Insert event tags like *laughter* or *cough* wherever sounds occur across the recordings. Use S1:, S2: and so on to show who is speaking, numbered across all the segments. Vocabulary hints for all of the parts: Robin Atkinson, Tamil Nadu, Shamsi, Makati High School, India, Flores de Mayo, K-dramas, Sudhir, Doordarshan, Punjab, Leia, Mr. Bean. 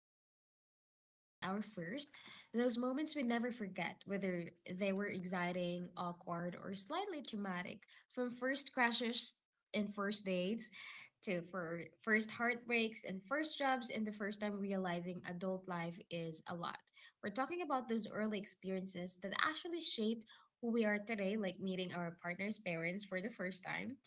S1: episode is all about our first, those moments we never forget, whether they were exciting, awkward, or slightly traumatic. From first crashes and first dates to for first heartbreaks and first jobs and the first time realizing adult life is a lot. We're talking about those early experiences that actually shaped who we are today, like meeting our partner's parents for the first time,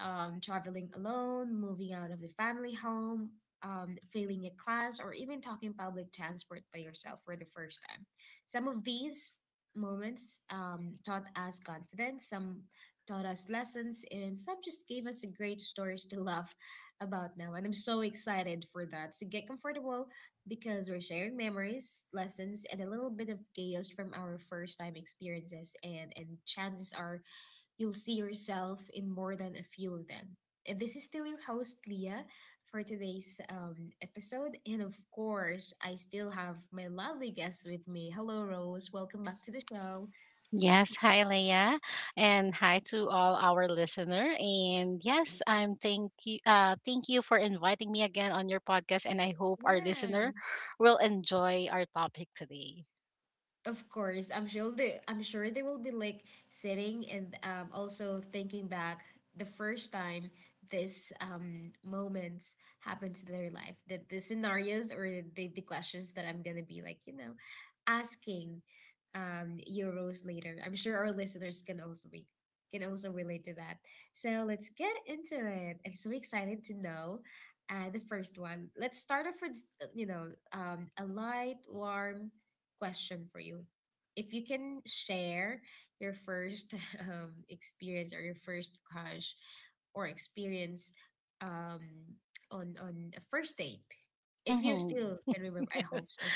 S1: traveling alone, moving out of the family home, failing a class, or even talking public transport by yourself for the first time. Some of these moments taught us confidence, some taught us lessons, and some just gave us great stories to laugh about now. And I'm so excited for that. So get comfortable because we're sharing memories, lessons, and a little bit of chaos from our first time experiences. And chances are you'll see yourself in more than a few of them. And this is still your host, Leah, for today's episode. And of course, I still have my lovely guest with me. Hello, Rose. Welcome back to the show.
S2: Yes, hi Leia, and hi to all our listener. And yes, I'm thank you. Thank you for inviting me again on your podcast, and I hope our
S1: Yeah.
S2: listener will enjoy our topic today.
S1: Of course, I'm sure they will be like sitting and also thinking back the first time this moments happened to their life, the scenarios or the questions that I'm gonna be like, you know, asking you, Rose, later. I'm sure our listeners can also be can also relate to that. So let's get into it. I'm so excited to know the first one. Let's start off with you know a light, warm question for you. If you can share your first *laughs* experience or your first crush or experience, um, on a first date, if you
S2: Hmm.
S1: still
S2: *laughs*
S1: can remember. I hope
S2: Yes,
S1: so.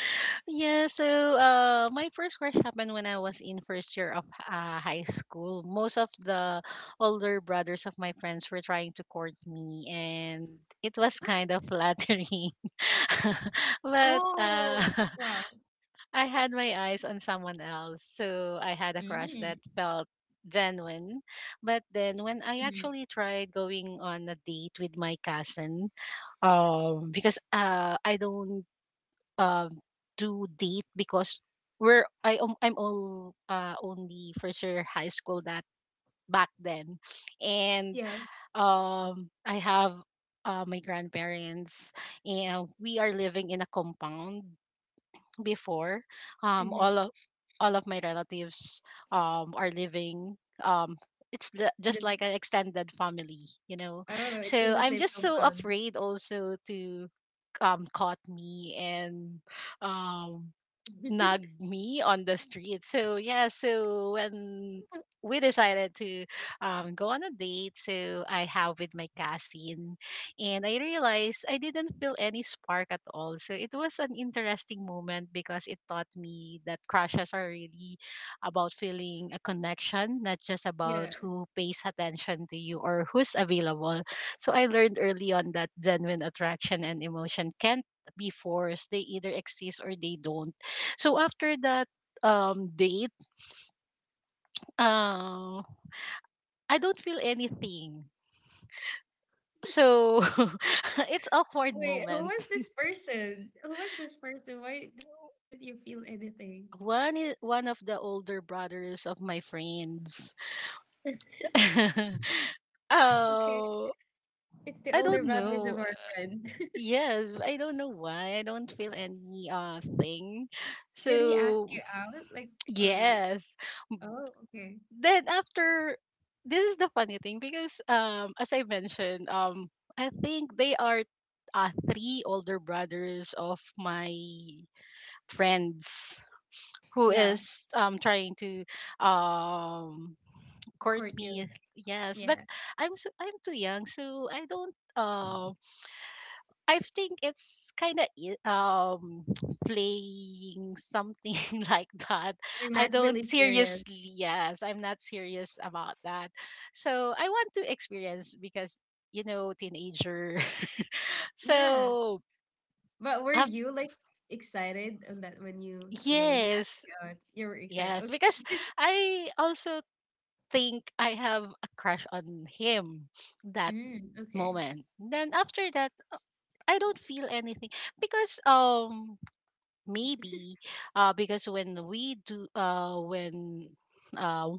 S2: yeah. So, my first crush happened when I was in first year of high school. Most of the older brothers of my friends were trying to court me, and it was kind of
S1: *laughs*
S2: flattering. *laughs* but
S1: Oh,
S2: *laughs*
S1: wow.
S2: I had my eyes on someone else, so I had a
S1: Mm,
S2: crush that felt genuine. But then when I
S1: mhm.
S2: actually tried going on a date with my cousin, because I don't uh, do date because we're I'm all only first year high school that back then. And
S1: Yeah.
S2: I have my grandparents, and we are living in a compound before. um
S1: Hmm.
S2: all of all of my relatives are living, um
S1: In the,
S2: just like an extended family, you know
S1: oh, in
S2: so
S1: the
S2: I'm
S1: same
S2: just so
S1: compound.
S2: afraid also to caught me and um nag
S1: *laughs*
S2: me on the street. So yeah, so when we decided to go on a date, so I have with my cousin, and I realized I didn't feel any spark at all. So it was an interesting moment because it taught me that crushes are really about feeling a connection, not just about
S1: Yeah.
S2: who pays attention to you or who's available. So I learned early on that genuine attraction and emotion can't be forced; they either exist or they don't. So after that date, uh, I don't feel anything. So *laughs* it's awkward
S1: Wait, who was
S2: moment.
S1: this person? Who was this person? Why didn't you feel anything?
S2: One of the older brothers of my friends. *laughs*
S1: Okay.
S2: Oh,
S1: It's the
S2: I
S1: older
S2: don't
S1: brothers of
S2: know.
S1: our friends.
S2: Yes, I don't know why. I don't feel any thing.
S1: Did he ask
S2: So
S1: you out? Like, or
S2: yes,
S1: oh, okay.
S2: then after this is the funny thing because as I mentioned, I think they are three older brothers of my friends who
S1: Yeah,
S2: is trying to um court
S1: court you.
S2: me, yes. But
S1: Yeah,
S2: I'm too young, so I don't. I think it's kind of um *tsk* playing something *laughs* like that.
S1: you're
S2: I
S1: not
S2: don't
S1: really serious.
S2: seriously, yes, I'm not serious about that. So I want to experience because teenager. *laughs*
S1: Yeah,
S2: so
S1: but were
S2: af-
S1: you like excited on that when you know, when he asked
S2: yes,
S1: you out, you were excited.
S2: yes, because
S1: Okay. *laughs*
S2: I also think I have a crush on him that
S1: Mm, okay.
S2: moment. Then after that, I don't feel anything because maybe because when uh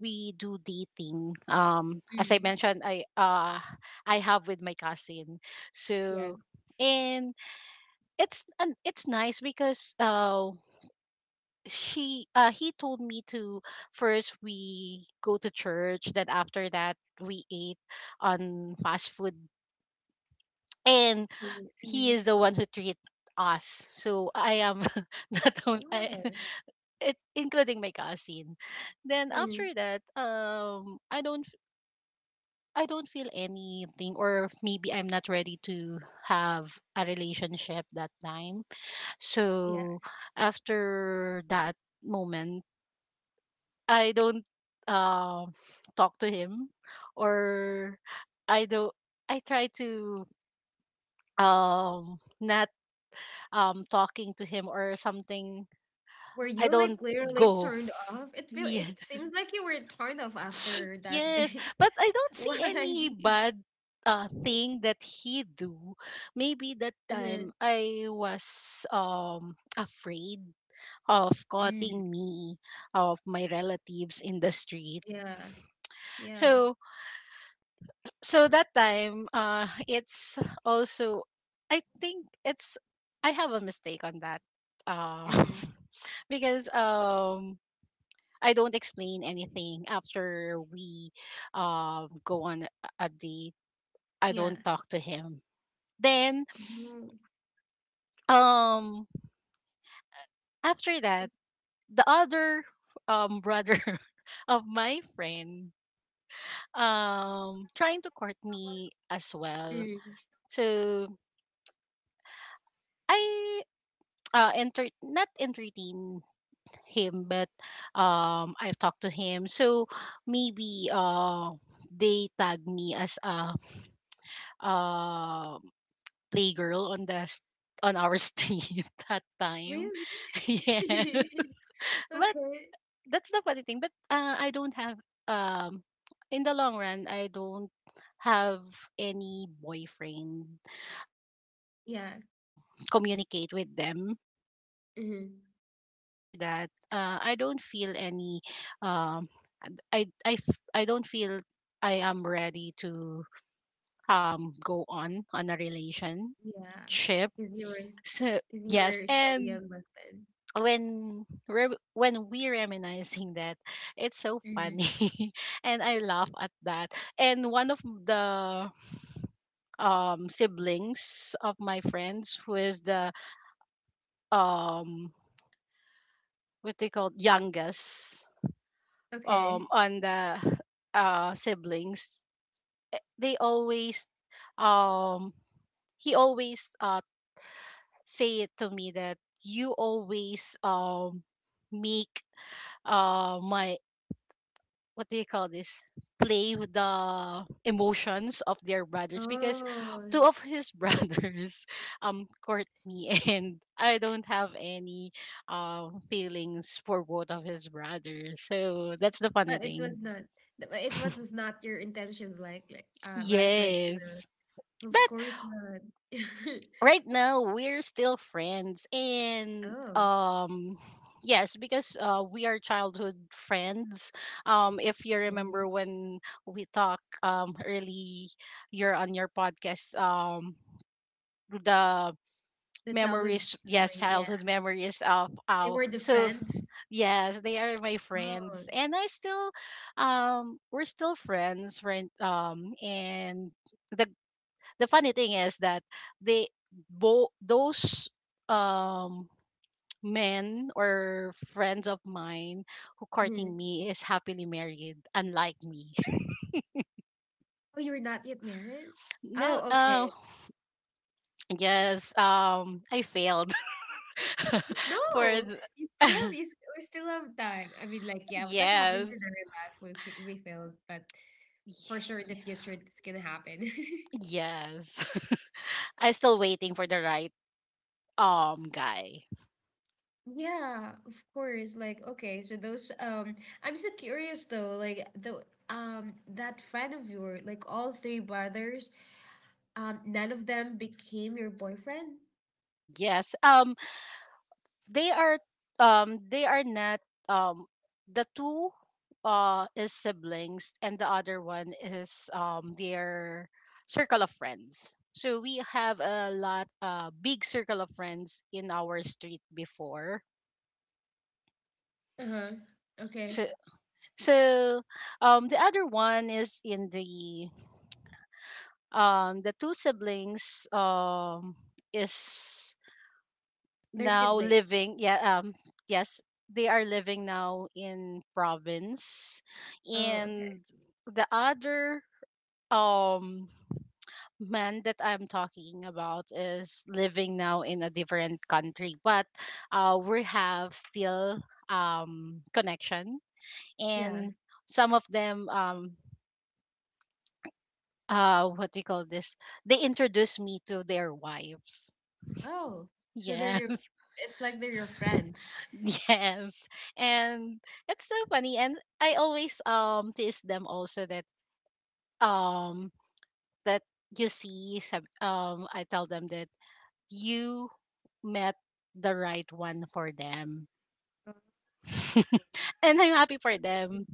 S2: we do dating, as I
S1: Mm,
S2: mentioned, I have with my cousin.
S1: yes.
S2: So and it's nice because she he told me to first we go to church, then after that we ate on fast food, and
S1: Mm,
S2: he
S1: mhm.
S2: is the one who treat us, so I am *laughs* not only I,
S1: Oh.
S2: it including my cousin. Then
S1: Mm,
S2: after that, I don't feel anything, or maybe I'm not ready to have a relationship that time.
S1: yeah.
S2: So after that moment, I don't um talk to him, or I don't. I try to not talking to him or something.
S1: Were
S2: I
S1: you
S2: don't
S1: like literally
S2: go. *laughs*
S1: turned off?
S2: Yeah.
S1: It seems like you were turned off after that
S2: Yes,
S1: day.
S2: but I
S1: *laughs*
S2: don't see
S1: Why? *laughs*
S2: any bad thing that he do. Maybe that
S1: Uh-huh.
S2: time I was afraid of
S1: Mm,
S2: cutting me of my relatives in the street.
S1: yeah. Yeah.
S2: So so that time it's also, I think, it's I have a mistake on that. Uh
S1: Mm.
S2: *laughs* because I don't explain anything after we go on a date. I
S1: Yeah.
S2: don't talk to him. Then
S1: Oh.
S2: um after that, the other brother *laughs* of my friend trying to court me as well.
S1: Mm.
S2: So I enter not entertain him, but I've talked to him. So maybe they tag me as a uh playgirl on the s- on our *laughs* street that time.
S1: Really?
S2: *laughs* yeah.
S1: *laughs*
S2: But
S1: Okay.
S2: that's the funny thing. But I don't have um in the long run I don't have any boyfriend. I try
S1: Yeah.
S2: to communicate with them that time,
S1: Mm-hmm.
S2: but after that, I don't feel any. Um, I don't feel I am ready to go on a relationship.
S1: Yeah. Because you were,
S2: So
S1: because you
S2: yes,
S1: were so
S2: and
S1: young back then.
S2: when we reminiscing that, it's so
S1: Mm-hmm.
S2: funny *laughs* and I laugh at that. And one of the siblings of my friends, who is the um what they call youngest
S1: Okay.
S2: on the siblings, eh, they always um he always say it to me that you always make my what do you call this, play with the emotions of their brothers, because
S1: Oh,
S2: two of his brothers *laughs* court me *laughs* and I don't have any feelings for both of his brothers, so that's the funny
S1: but it
S2: thing.
S1: was not. Th- but It was not your intentions, like, right? Like, you
S2: Yes,
S1: know, of
S2: but
S1: course not. *laughs*
S2: right now we're still friends, and
S1: Oh.
S2: *sighs* yes, because we are childhood friends. If you
S1: Mm-hmm.
S2: remember when we talk early, you're on your podcast, the
S1: The childhood
S2: memories, yes,
S1: memory. Yeah,
S2: childhood memories of
S1: they
S2: our,
S1: were the
S2: so
S1: friends.
S2: *sighs* yes, they are my
S1: Oh.
S2: friends, and I still we're still friends, right? And the the funny thing is that they both, those um men or friends of mine who
S1: Mm-hmm.
S2: courting me is happily married, unlike me. *laughs*
S1: Oh, you were not yet married.
S2: No,
S1: Oh, okay.
S2: yes, I failed. *laughs* for
S1: No,
S2: the,
S1: you still have,
S2: *laughs*
S1: we still have time. I mean, like, yeah, that happens in
S2: yes,
S1: our life. We failed, but for sure in the
S2: y-
S1: future it's gonna happen. *laughs*
S2: yes, *laughs* I am still waiting for the right guy.
S1: Yeah, of course. Like, okay, so those I'm so curious though, like the that friend of yours, like all three brothers, um, none of them became your boyfriend?
S2: Yes, they are they are not, um the two is siblings, and the other one is their circle of friends, so we have a lot big circle of friends in our street before.
S1: Uh-huh. Okay.
S2: So so the other one is in the two siblings, is
S1: They're
S2: now
S1: siblings.
S2: living, yeah. Yes, they are living now in province,
S1: Oh,
S2: and
S1: okay.
S2: the other um man that I'm talking about is living now in a different country, but we have still connection.
S1: Yeah.
S2: And some of them, what do you call this, they introduce me to their wives. *laughs*
S1: Oh, so they're
S2: Yeah.
S1: your, it's like they're your friends.
S2: Yes. And it's so funny, and I always tease them also that um that, I tell them that you met the right one for them. *laughs* And I'm happy for
S1: Oh.
S2: them,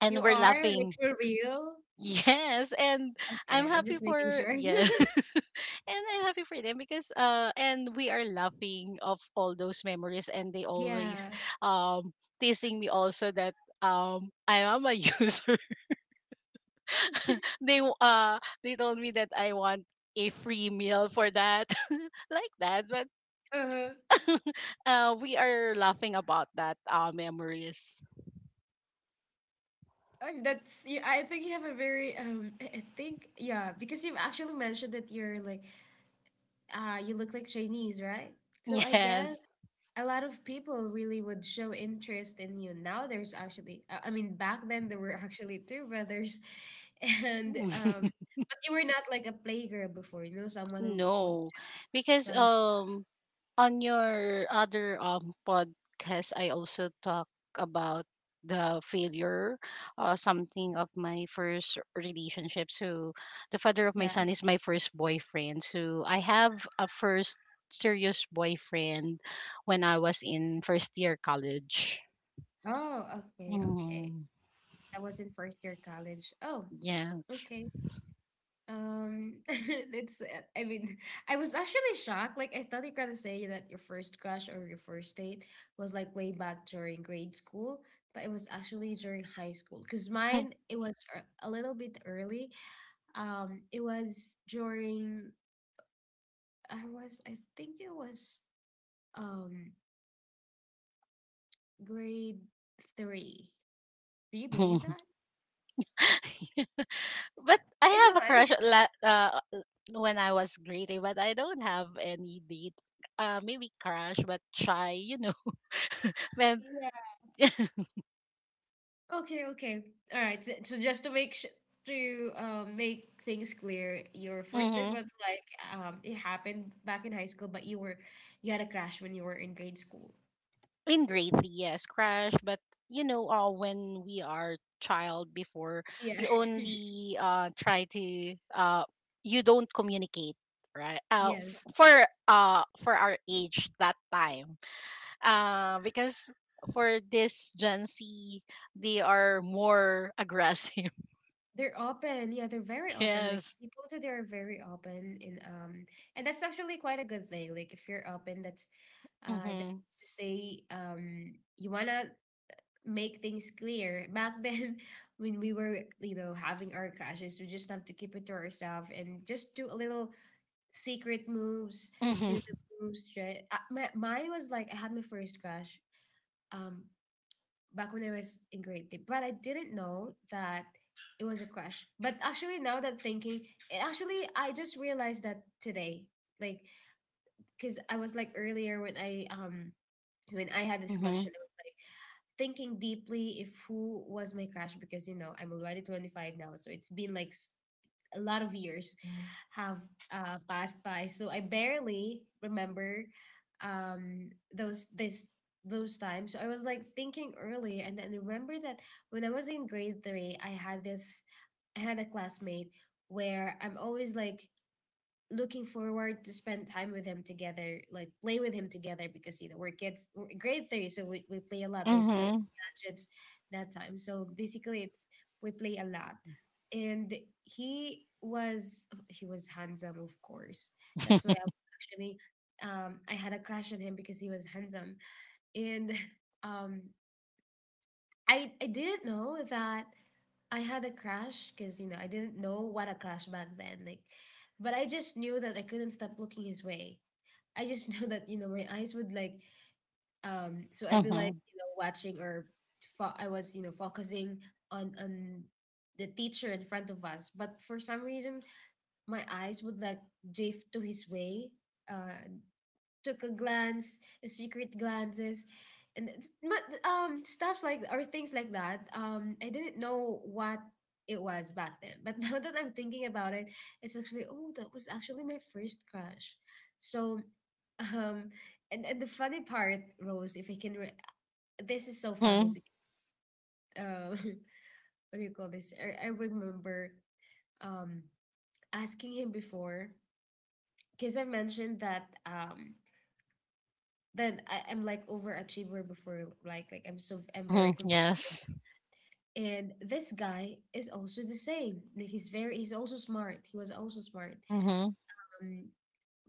S2: and
S1: You
S2: we're
S1: are? Like
S2: laughing.
S1: for real?
S2: Yes, and I'm
S1: Okay, I'm
S2: happy
S1: just making
S2: for
S1: sure.
S2: yeah.
S1: *laughs*
S2: *laughs* And I'm happy for them because and we are laughing of all those memories, and they always
S1: Yeah.
S2: um teasing me also that I am a *laughs* user. *laughs* They told me that I want a free meal for that *laughs* like that. But
S1: Uh-huh.
S2: *laughs* we are laughing about that memories.
S1: That's, yeah, I think you have a very um, I think yeah, because you've actually mentioned that you're like, uh, you look like Chinese, right? So I guess
S2: Yes.
S1: a lot of people really would show interest in you. Now there's actually I mean back then there were *laughs* actually two brothers *laughs* and um,
S2: *laughs*
S1: but you were not like a playgirl before, you know, someone who would
S2: No. Because
S1: run.
S2: on your other podcast I also talk about the failure, something of my first relationship. So the father of
S1: Yeah.
S2: my son is my first boyfriend, so I have a first serious boyfriend when I was in first year college.
S1: Oh, okay, okay.
S2: Mm,
S1: I was in first year college. Oh,
S2: yes.
S1: okay. *laughs* It's, I mean, *laughs* I was actually shocked. Like, I thought you're gonna say that your first crush or your first date was like way back during grade school, but it was actually during high school. Because mine,
S2: *laughs*
S1: it was a little bit early. It was during, I was, I think it was, um, grade three. Do you believe
S2: Mhm.
S1: that?
S2: *laughs* But I
S1: I know.
S2: have a
S1: I
S2: crush when I was greedy, but I don't have any date. Maybe crush, but shy. *laughs* when
S1: mean, *laughs*
S2: *laughs*
S1: okay, okay. All right. So, so just to to make things clear, your first date
S2: mm-hmm.
S1: was like, um, it happened back in high school, but you were, you had a crush when you were in grade school.
S2: In greedy, yes, crush. But when we are child before,
S1: Yeah.
S2: you
S1: *laughs*
S2: only try to you don't communicate, right?
S1: Yes.
S2: For our age that time. Because for this Gen Z, they are more aggressive.
S1: They're open. Yeah, they're very
S2: *laughs*
S1: open. Like
S2: Yes.
S1: people today are very open in um, and that's actually quite a good thing. Like if you're open, that's uh,
S2: Mm-hmm.
S1: that's to say um, you wanna make things clear. Back then, *laughs* when we were, you know, having our crashes, we just have to keep it to ourselves and just do a little secret moves, do the
S2: Mm-hmm.
S1: moves, right? My, mine was like, I had my first crash um, back when I was in grade three, but I didn't know that it was a crash. But actually, now that thinking, it actually, I just realized that today, like, because I was like earlier when I had this
S2: Mm-hmm.
S1: question, it was like, thinking deeply if who was my crush because you know I'm already 25 now, so it's been like a lot of years have passed by. So I barely remember um, those this those times. So I was like thinking early, and then remember that when I was in grade three, I had a classmate where I'm always like looking forward to spend time with him together, like play with him together because you know we're kids, we're in grade three, so we play a lot. There's no
S2: Mm-hmm.
S1: gadgets that time, so basically it's we play a lot, and he was handsome, of course. That's why I was actually um, I had a crush on him because he was handsome, and *laughs* um, I didn't know that I had a crush because you know I didn't know what a crush back then. Like, but I just knew that I couldn't stop looking his way. I just *laughs* knew that you know my eyes would like. So I'd be like
S2: Mm-hmm.
S1: you know watching or I was you know focusing on the teacher in front of us, but for some reason my eyes would like drift to his way. Uh, took a glance, secret glances, and it's- but stuff like or things like that. I didn't know what it was back then, but *laughs* now that I'm thinking about it, it's actually oh that was actually my first crush. So, um, and the funny part, Rose, if I can, re- this is so funny.
S2: Mm-hmm.
S1: Because, uh, *laughs* what do you call this? I remember um, asking him before because I mentioned that um, then I'm like overachiever before like I'm so I'm very
S2: Mm-hmm.
S1: com-,
S2: Yes.
S1: and this guy is also the same. Like he's very, he's also smart. He was also smart.
S2: Mm-hmm.
S1: Um,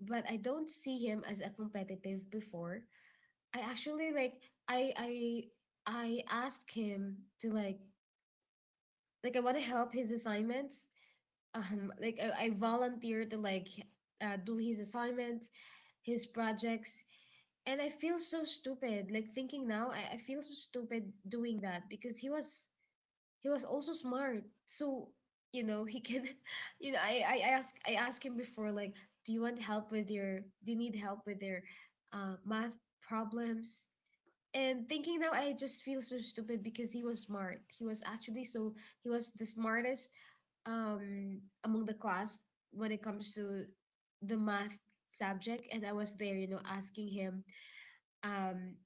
S1: but I don't see him as a competitive before. I actually like I I I asked him to like I want to help his assignments like I volunteered to like do his assignments, his projects, and I feel so stupid. Like thinking now, I feel so stupid doing that because he was also smart. So you know he can, *laughs* you know I asked him before like, do you need help with your math problems? And thinking now, I just feel so stupid because he was smart. He was actually so, he was the smartest um, among the class when it comes to the math subject, and I was there, you know, asking him um,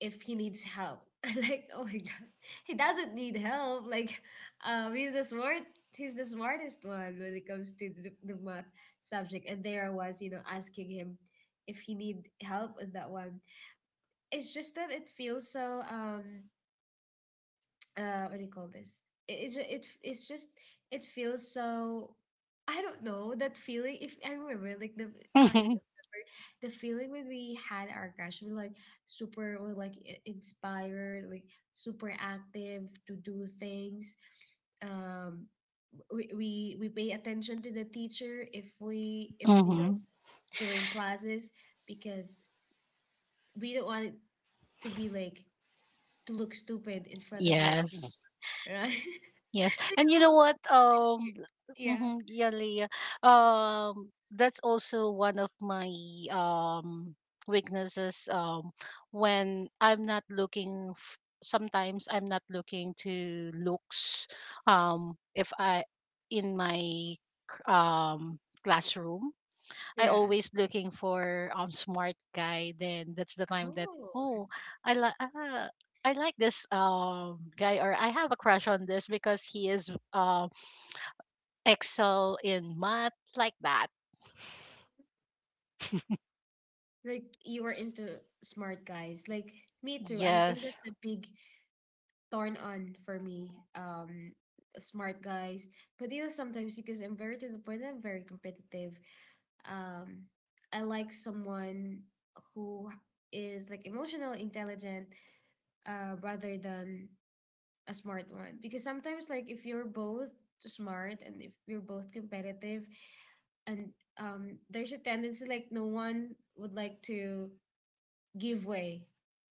S1: if he needs help. *laughs* Like, oh my god. He doesn't need help. Like um, he's the smartest one when it comes to the math subject. And there I was, you know, asking him if he need help in that one. It's just that it feels so um, uh, what do you call this, it, it's ju- it, f- it's just it feels so, I don't know that feeling if I remember like the if you
S2: Mm-hmm.
S1: remember the feeling when we had our crush, we like super or like I- inspired like super active to do things um, we we pay attention to the teacher if we if you know
S2: Mm-hmm.
S1: during classes because we don't want it to be like to look stupid in front of your
S2: Yes.
S1: *laughs* right.
S2: Yes.
S1: *laughs* Do
S2: And you
S1: you,
S2: know what?
S1: next year. Yeah.
S2: Mhm, yeah, Leah. That's also one of my um weaknesses, when I'm not looking sometimes I'm not looking to looks, if I in my um classroom, I
S1: Yeah.
S2: always looking for smart guy. Then that's the time that,
S1: Oh,
S2: oh, I like ah, ah, I like this guy, or I have a crush on this because he is excel in math, like that.
S1: like you are into smart guys. Like me too. I think
S2: Yes.
S1: that's a big turn on for me. Smart guys. But you know, sometimes because I'm very to the point, I'm very competitive. Um, I like someone who is like emotional, intelligent, rather than a smart one because sometimes like if you're both smart and if you're both competitive and there's a tendency like no one would like to give way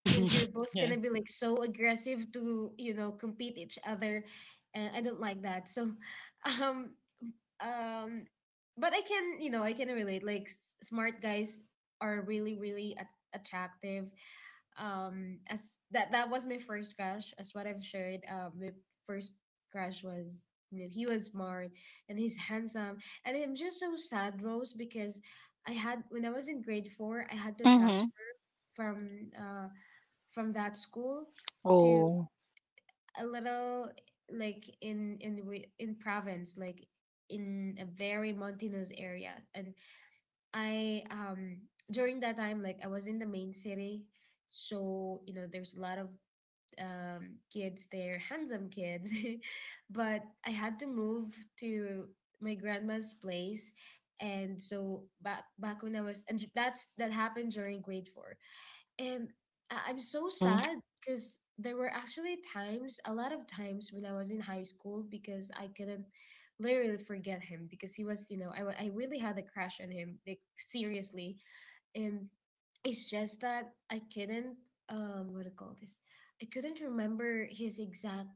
S1: because you're both
S2: *laughs*
S1: gonna
S2: yes.
S1: be like so aggressive to compete each other, and I don't like that so *laughs* um um but I can I can relate, like smart guys are really, really attractive. As that was my first crush, as what I've shared, my first crush was, you know, he was smart and he's handsome, and I'm just so sad, Rose, because I had when I was in grade four I had to
S2: Mm-hmm.
S1: transfer from uh from that school to
S2: Oh.
S1: a little, like in province, like in a very mountainous area. And I during that time, like, I was in the main city, so you know there's a lot of kids there, handsome kids, *laughs* but I had to move to my grandma's place. And so back, when I was and that happened during grade 4. And I'm so
S2: Mm-hmm.
S1: sad, because there were actually times, a lot of times when I was in high school, because I couldn't literally forget him, because he was, I really had a crush on him, like, seriously. And it's just that I couldn't, what do you call this? I couldn't remember his exact,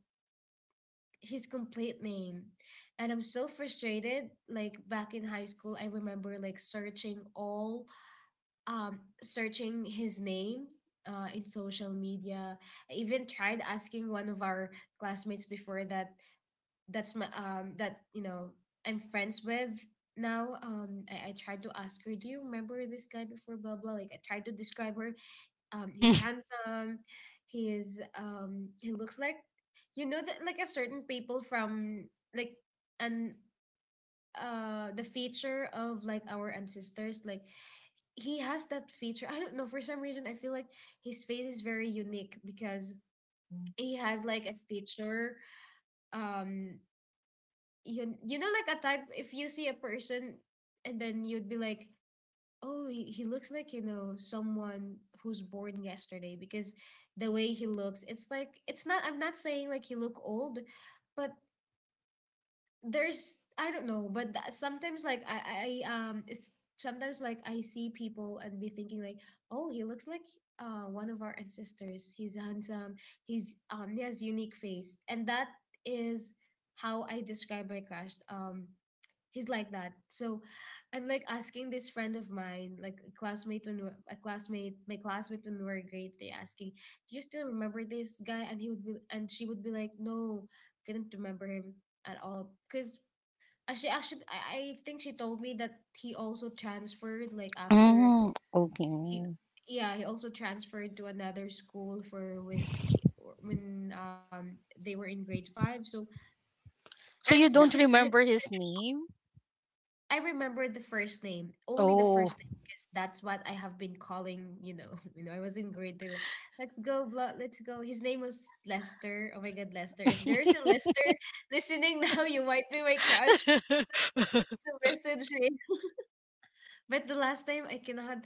S1: his complete name. And I'm so frustrated. Like, back in high school, I remember, like, searching his name in social media. I even tried asking one of our classmates before, that that's my, that I'm friends with now. I tried to ask her, do you remember this guy before? Blah blah. Like, I tried to describe her. He's
S2: *laughs*
S1: handsome. He is. He looks like, that, like, a certain people from, like, an the feature of, like, our ancestors, like, he has that feature. I don't know. For some reason, I feel like his face is very unique because he has like a feature. Um, like a type. If you see a person, and then you'd be like, oh, he looks like someone who's born yesterday, because the way he looks, it's like it's not. I'm not saying like he look old, but there's, I don't know, but sometimes like I it's sometimes like I see people and be thinking like, oh, he looks like one of our ancestors. He's handsome. He has unique face, and that is how I describe my crush. He's like that. So I'm like asking this friend of mine, like a classmate, my classmate when we were in grade three, asking, "Do you still remember this guy?" And he would be, and she would be like, "No, couldn't remember him at all," because she actually, I think she told me that he also transferred, like, after
S2: Okay.
S1: he, yeah, he also transferred to another school for when they were in grade five. So I'm
S2: So
S1: so
S2: you
S1: *laughs*
S2: don't
S1: sad.
S2: remember his name?
S1: I remember the first name, only the first
S2: Oh.
S1: name, because that's what I have been calling, you know, *laughs* you know, I was in grade two, like, let's go, blah, let's go. His name was Lester. Oh my God, Lester. If there's a Lester *laughs* listening now, you might be my crush.
S2: *laughs* mm-hmm.
S1: So message me. But the last name I cannot,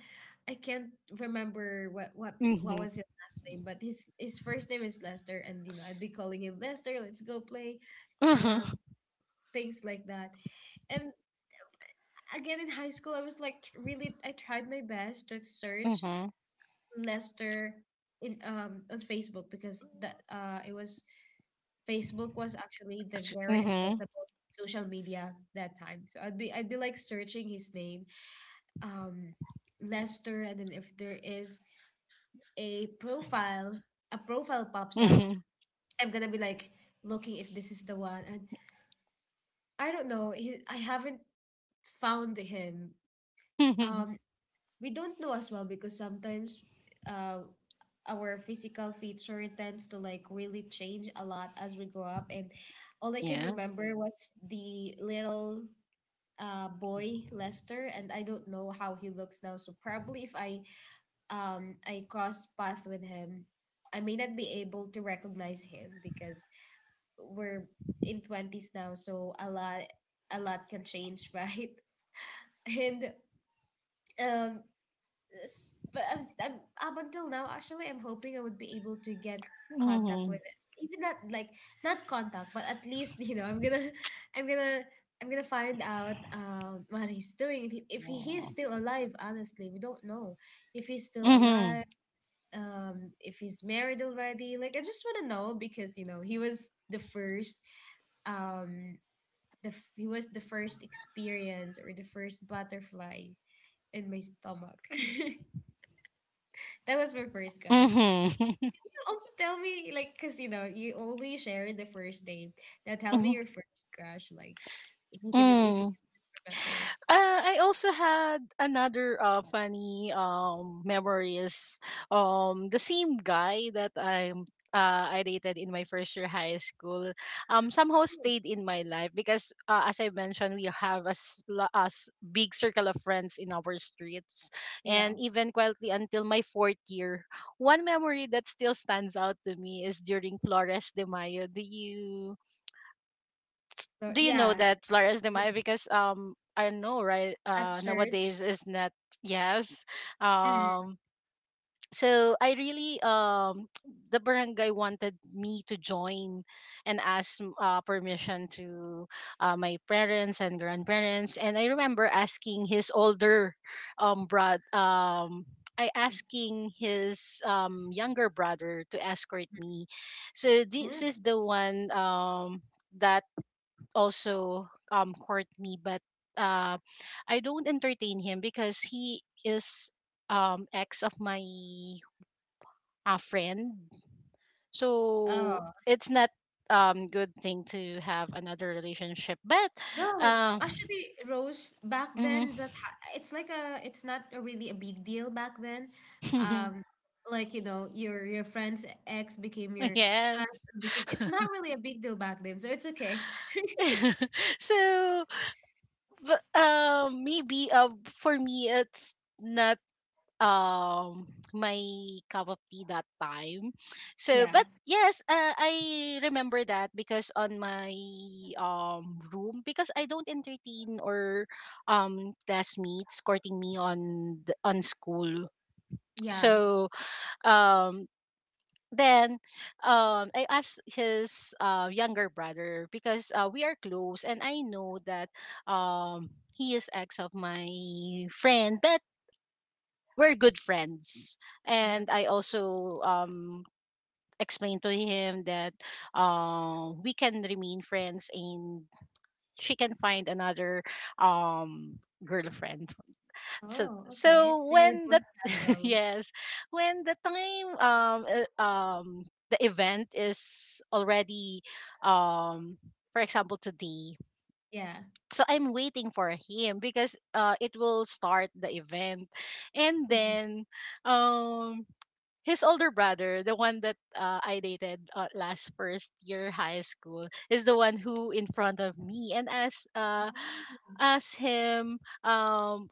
S1: I can't remember what was his last name. But his first name is Lester, and you know I'd be calling him Lester. Let's go play.
S2: Mm-hmm.
S1: Uh, things like that. And again, in high school, I was like, really, I tried my best to search
S2: Mm-hmm.
S1: Lester in, on Facebook, because that it was, Facebook was actually the very accessible social media that time. So I'd be, like, searching his name, um Lester, and then if there is a profile, a profile pops up,
S2: Mm-hmm.
S1: I'm gonna be like looking if this is the one. And I don't know, he, I haven't found him, um,
S2: *laughs*
S1: we don't know as well, because sometimes uh, our physical feature tends to, like, really change a lot as we grow up. And all I can
S2: yes.
S1: remember was the little boy Lester, and I don't know how he looks now. So, probably, if I crossed path with him, I may not be able to recognize him because we're in twenties now. So a lot, a lot can change, *laughs* right? And um, but up until now, actually, I'm hoping I would be able to get contact
S2: Mhm.
S1: with it. Even not like, not contact, but at least, *laughs* you know, *laughs* I'm gonna, I'm gonna find out what he's doing. If he's
S2: Mhm.
S1: still alive, honestly, we don't know if he's still
S2: Mhm.
S1: alive. If he's married already, like, I just want to know, because you know he was the first, um he was the first experience, or the first butterfly in my stomach. *laughs* That was my first crush. Can you also tell me, like, because you know, you only share the first name. Now tell me
S2: Mhm. *laughs*
S1: your first crush, like, if you
S2: Mm.
S1: can remember.
S2: I also had another funny memory is the same guy that I dated in my first year high school somehow stayed in my life because, as I mentioned, we have a, big circle of friends in our streets,
S1: Yeah.
S2: and even quietly until my fourth year, one memory that still stands out to me is during Flores de Mayo.
S1: So,
S2: Do you know
S1: yeah.
S2: that Flores de
S1: Yeah.
S2: Mayo? Because, I know, right?
S1: At church.
S2: Nowadays is not, yes
S1: Mm.
S2: um. So I really *tsk* the barangay wanted me to join, and ask permission to my parents and grandparents. And I remember asking his older brother, I asking his younger brother to escort me. So this
S1: Mm.
S2: is the one that also court me, but uh I don't entertain him because he is ex of my friend. So
S1: Oh,
S2: it's not good thing to have another relationship. But
S1: no!
S2: uh
S1: Actually, Rose, back
S2: mhm.
S1: then that, it's like a, it's not a really a big deal back then. Um,
S2: *laughs*
S1: like, you know, your friend's ex became your crush.
S2: Yes.
S1: Became, it's not really a big deal back then, so it's okay.
S2: *laughs* So maybe for me it's not um my cup of tea that time, so
S1: Yeah,
S2: but yes, I remember that because on my room because I don't entertain or classmates courting me on school.
S1: yeah.
S2: So um then I asked his younger brother because we are close and I know that um he is ex of my friend, but we're good friends.
S1: Uh-huh.
S2: And I also explained to him that we can remain friends and she can find another girlfriend. So
S1: Oh, okay. So you're
S2: when the
S1: both
S2: *laughs*
S1: casual.
S2: yes, when the time the event is already um for example today,
S1: Yeah.
S2: so I'm waiting for him because it will start the event. And
S1: Mhm.
S2: then um his older brother, the one that I dated last first year high school, is the one who in front of me and as
S1: Oh.
S2: asked him, um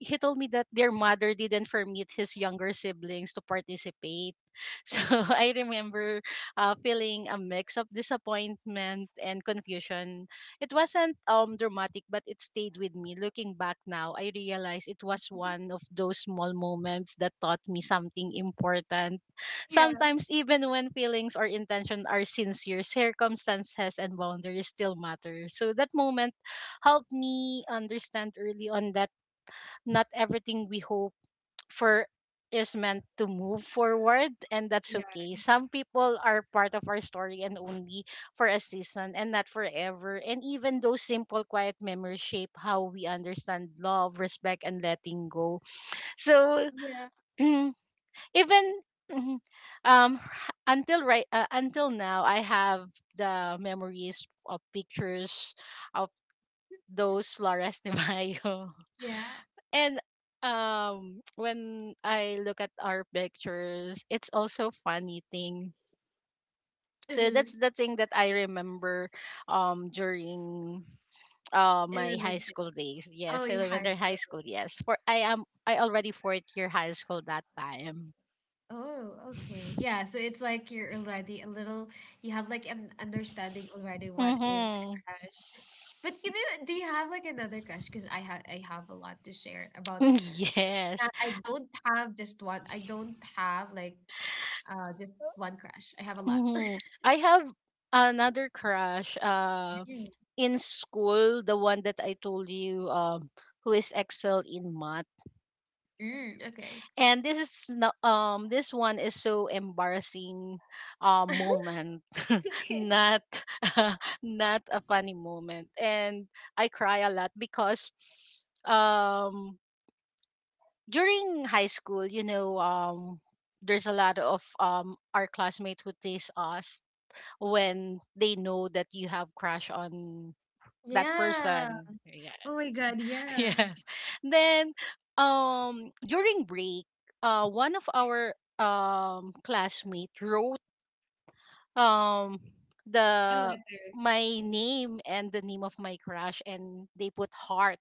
S2: he told me that their mother didn't permit his younger siblings to participate. *laughs* So I remember feeling a mix of disappointment and confusion. It wasn't dramatic, but it stayed with me. Looking back now, I realize it was one of those small moments that taught me something important.
S1: Yeah,
S2: Sometimes, even when feelings or intention are sincere, circumstances and boundaries still matter. So that moment helped me understand early on that not everything we hope for is meant to move forward, and that's
S1: yeah,
S2: okay. Some people are part of our story and only for a season and not forever, and even those simple quiet memories shape how we understand love, respect, and letting go. So
S1: yeah,
S2: *clears throat* even Mhm. Until now I have the memories of pictures of those Flores de *laughs* Mayo.
S1: yeah.
S2: And when I look at our pictures, it's also funny thing. So
S1: Mm-hmm.
S2: that's the thing that I remember during my high
S1: Elementary.
S2: school days.
S1: Oh,
S2: Yes,
S1: you high
S2: elementary high
S1: school.
S2: school, yes. For I am I already fourth year high school that time.
S1: Oh, okay. Yeah, so it's like you're already a little, you have like an understanding already what is a
S2: Mm-hmm. *laughs*
S1: crush. But you know, do you have like another crush? Because I have a lot to share about that.
S2: Yes.
S1: I don't have just one. I don't have like just one crush. I have a lot.
S2: Mm-hmm.
S1: *laughs*
S2: I have another crush
S1: Mm,
S2: in school, the one that I told you who is Excel in math.
S1: mm, okay.
S2: And this is no- this one is so embarrassing moment.
S1: *laughs*
S2: *laughs*
S1: Okay.
S2: Not *laughs* not a funny moment. And I cry a lot because um during high school, you know, there's a lot of our classmates who tease us when they know that you have crush on that
S1: Yeah.
S2: person. Yes.
S1: Oh my God.
S2: *laughs*
S1: Yeah.
S2: Yes. Then during break, one of our classmate wrote um
S1: A
S2: the
S1: letter.
S2: my name and the name of my crush, and they put heart.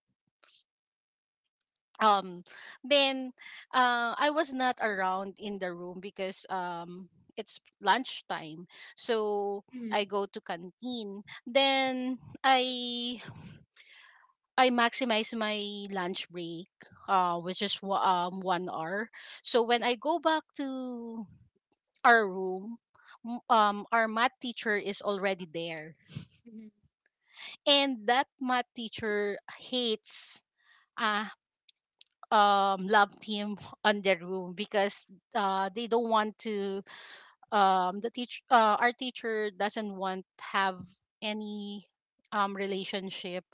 S2: Um then I was not around in the room because it's lunchtime. So I
S1: Mhm,
S2: go to canteen. Then I I maximize my lunch break, 1 hour. So when I go back to our room, our math teacher is already there,
S1: mhm.
S2: and that math teacher hates uh love team *laughs* on their room because they don't want to the teach our teacher doesn't want have any relationship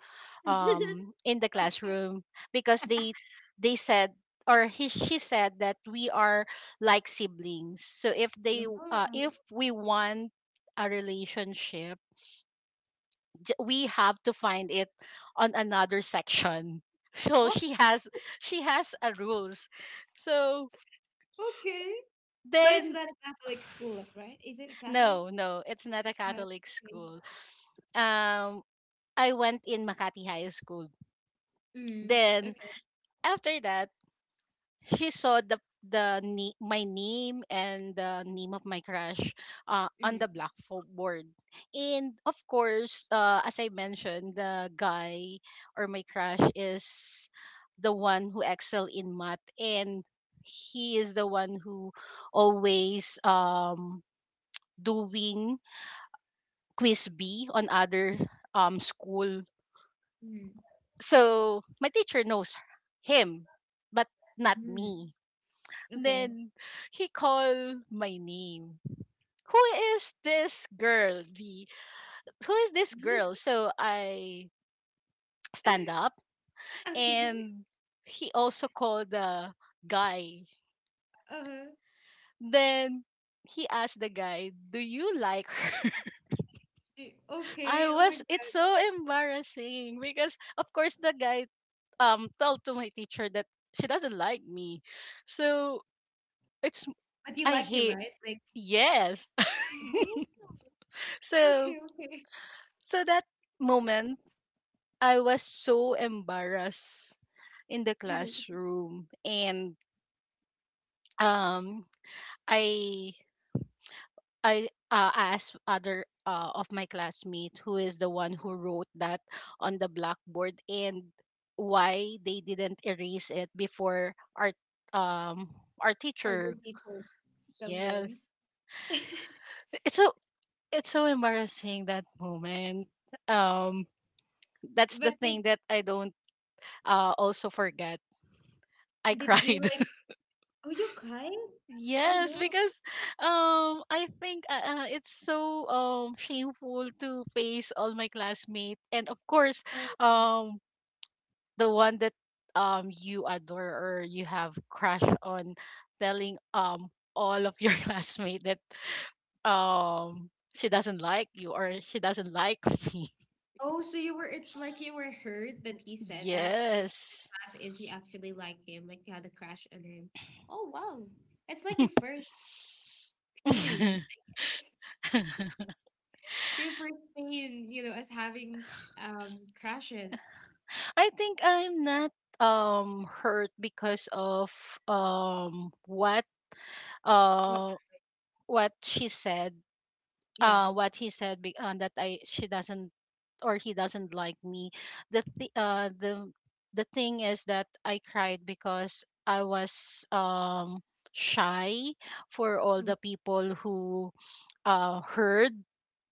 S1: *laughs*
S2: in the
S1: Okay.
S2: classroom because they said, or he she said that we are like siblings. So if they
S1: Oh,
S2: if we want a relationship, we have to find it on another section. *laughs* So
S1: what?
S2: she has a rules. So
S1: Okay. But it's
S2: then
S1: not a Catholic
S2: *sighs*
S1: school, right? Is it a Catholic?
S2: no, no, it's not a
S1: It's not.
S2: Catholic
S1: Okay.
S2: school. Um, I went in Makati High School.
S1: Mm,
S2: Then
S1: okay.
S2: after that, she saw my name and the name of my crush, on
S1: Mm,
S2: the blackboard. And of course, as I mentioned, the guy or my crush is the one who excel in math, and he is the one who always doing quiz B on other school.
S1: mm,
S2: So my teacher knows him, but not
S1: mm,
S2: me.
S1: okay.
S2: Then he called my name. Who is this girl? The who is this girl?
S1: *laughs*
S2: So I stand up,
S1: Okay.
S2: and he also called the guy.
S1: Uh-huh.
S2: Then he asked the guy, "Do you like her?" *laughs* I
S1: Okay. Oh my
S2: was, it's
S1: God.
S2: so embarrassing because of course the guy tell to my teacher that she doesn't like me. So it's
S1: But you
S2: I
S1: like him,
S2: hate.
S1: right? Like,
S2: Yes. *laughs*
S1: oh, okay,
S2: so
S1: okay. *laughs*
S2: so that moment I was so embarrassed in the
S1: Mhm.
S2: classroom. And um I I asked other of my classmate who is the one who wrote that on the blackboard, and why they didn't erase it before um our
S1: Or your
S2: teacher.
S1: teacher comes in.
S2: Yes.
S1: *laughs*
S2: It's so it's so embarrassing that moment. Um, that's the
S1: But
S2: thing that I don't also forget. I
S1: did he
S2: cried.
S1: like? Oh, you cried?
S2: *laughs*
S1: Oh,
S2: Yes,
S1: no.
S2: because I think it's so shameful to face all my classmates, and of course
S1: Oh,
S2: um the one that you adore or you have crush on, telling all of your *laughs* classmates that um she doesn't like you, or she doesn't like me.
S1: oh, so you were, it's like you were hurt that he said that, because the
S2: Yes.
S1: fact is you actually like him, like, you had a crush on him. Oh, wow. It's like your first
S2: *laughs*
S1: pain,
S2: I
S1: *laughs* your first pain, you know, as having crushes.
S2: think I'm not hurt because of um what
S1: What?
S2: uh what she said
S1: Yeah.
S2: what he said, be- that I she doesn't or he doesn't like me. The th- The thing is that I cried because I was shy for all
S1: Mm.
S2: the people who heard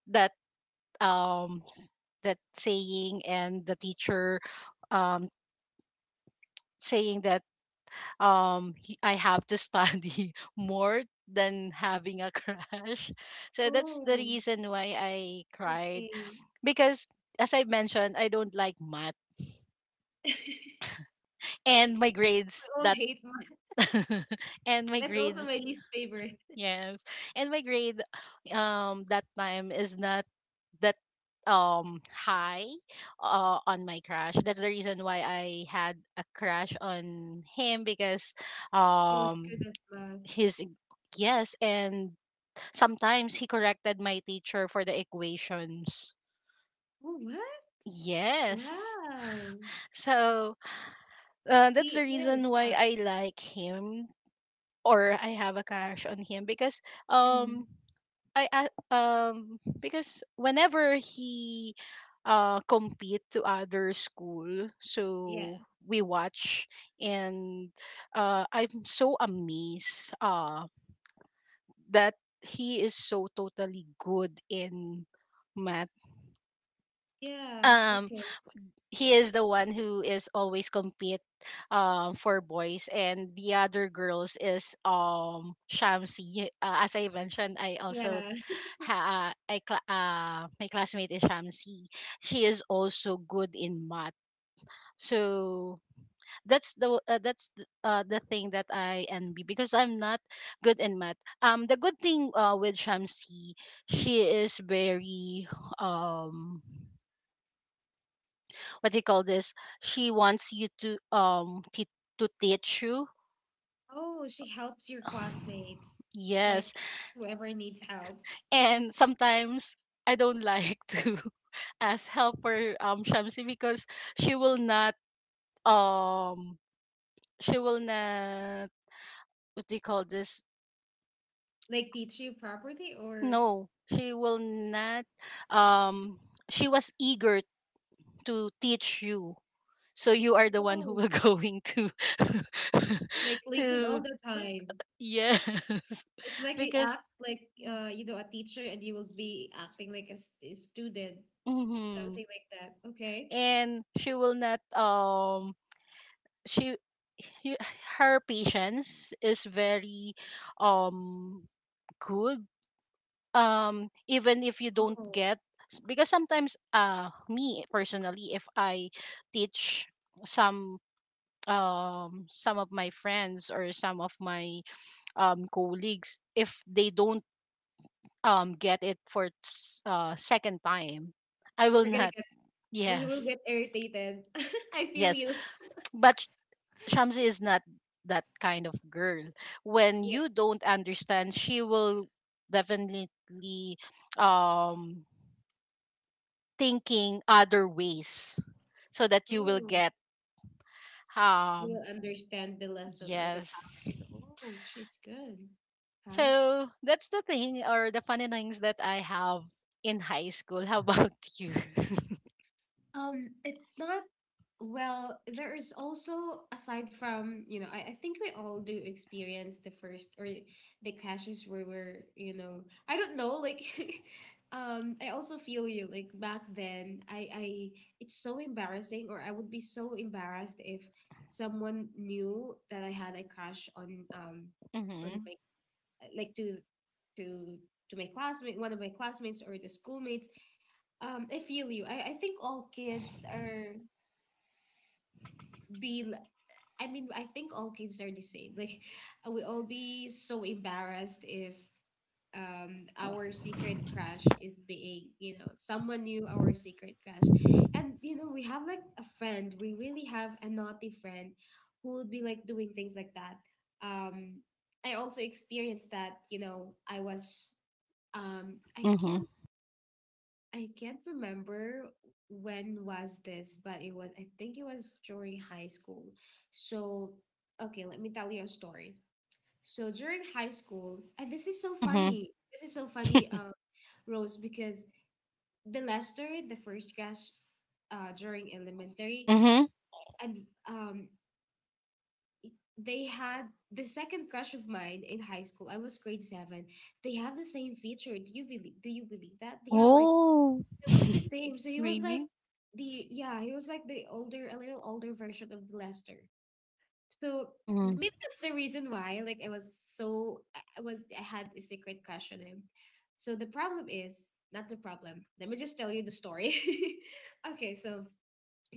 S2: that um s- that saying, and the teacher um saying that I have to study *laughs* more than having a crash. *laughs* So that's the
S1: Oh,
S2: reason why I cried,
S1: okay.
S2: because as I mentioned, I don't like math,
S1: *laughs*
S2: and my grades
S1: We all
S2: that
S1: hate math.
S2: *laughs* and my
S1: That's also
S2: grades.
S1: my least favorite.
S2: Yes. And my grade that time is not that high on my crush. That's the reason why I had a crush on him, because
S1: He was
S2: um
S1: good at math.
S2: his yes, and sometimes he corrected my teacher for the equations.
S1: Oh, what?
S2: Yes. *laughs*
S1: Wow.
S2: So that's
S1: He
S2: the
S1: is
S2: reason why
S1: smart.
S2: I like him or I have a crush on him, because um because whenever he compete to other school,
S1: Yeah.
S2: so we watch. And I'm so amazed that he is so totally good in math.
S1: Yeah.
S2: Um,
S1: Okay.
S2: he is the one who is always compete for boys, and the other girls is Shamsi. As I mentioned, I also
S1: Yeah. *laughs*
S2: ha- I cla my classmate is Shamsi. She is also good in math. So that's the the thing that I envy, because I'm not good in math. Um, the good thing with Shamsi, she is very um what do you call this? She wants you to to teach you.
S1: Oh, she helps your
S2: *sighs*
S1: classmates,
S2: Yes,
S1: like, whoever needs help,
S2: and sometimes I don't like *laughs* to ask help for Shamsi, because she will not um she will not what do you call this?
S1: like, teach you properly, or
S2: No, she will not um she was eager to teach you. So you are the one who
S1: oh,
S2: will *laughs* going to *laughs*
S1: like, listen
S2: to
S1: all the time.
S2: yes.
S1: It's
S2: *laughs*
S1: like you
S2: Because
S1: act like you know a teacher, and you will be acting like a student,
S2: hmm,
S1: something like that. Okay.
S2: and she will not she he- her patience is very um good, even if you don't
S1: Oh,
S2: get because sometimes me personally, if I teach some some of my friends or some of my colleagues, if they don't get it for second time, I will
S1: we're gonna
S2: not
S1: get
S2: *laughs*
S1: we will
S2: yes.
S1: get irritated. *laughs* I feel
S2: Yes,
S1: you.
S2: but Shamsi is not that kind of girl. When
S1: Yeah.
S2: you don't understand, she will definitely um thinking other ways so that you will
S1: Oh,
S2: get
S1: you
S2: um
S1: will understand the lesson or the
S2: yes.
S1: topic. Oh, she's good. Huh?
S2: So that's the thing, or the funny things that I have in high school. *laughs* How about you? *laughs*
S1: It's not, well, there is also, aside from, you know, I think we all do experience the first, or the crashes where we're, you know, I don't know, like, *laughs* I also feel you, like, back then I it's so embarrassing, or I would be so embarrassed if someone knew that I had a crash on, on
S2: Mhm.
S1: my, like, to to my classmate, one of my classmates or the schoolmates. I feel you. I think all kids are be. l- I mean, I think all kids are the same. Like, *laughs* we all be so embarrassed if our secret crush is being, you know, someone knew our secret crush, and, you know, we have like a friend. We really have a naughty friend who would be like doing things like that. Um, I also experienced that. You know, I was. Um, I
S2: Mhm.
S1: can't I can't remember when was this, but it was, I think it was during high school. So, okay, let me tell you a story. So during high school, and this is so
S2: Mhm.
S1: funny. This is so funny, Rose, because the Lester, the first class, during elementary,
S2: Mhm.
S1: and um, they had the second crush of mine in high school. I was grade seven. They have the same feature. Do you believe? Do you believe that they have like
S2: Oh.
S1: He looks the
S2: *laughs*
S1: same. So he was like
S2: Really?
S1: the he was like the older, a little older version of Lester. So
S2: Mhm.
S1: maybe that's the reason why like I was so I was I had a secret crush on him. So the problem is not the problem. Let me just tell you the story. *laughs* Okay, so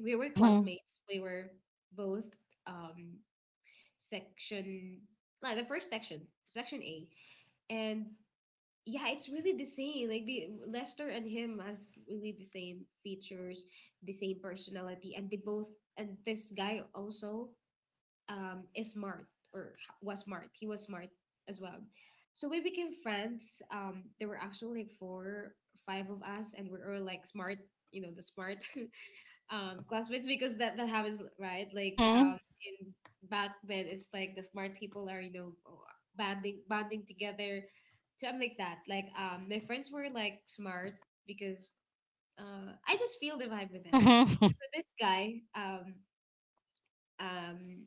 S1: we were
S2: Mhm.
S1: classmates. We were both um section, like the first section, section A. And yeah, it's really the same. Like the Lester and him has really the same features, the same personality, and they both and this guy also is smart or was smart. He was smart as well. So we became friends. There were actually like four, five of us, and we were all like smart, you know, the smart. *laughs* Classmates, because that happens, right? Like
S2: Mhm.
S1: in back then, it's like the smart people are, you know, banding together. So I'm like that. Like my friends were like smart because I just feel the vibe with them.
S2: Mhm.
S1: So this guy, um,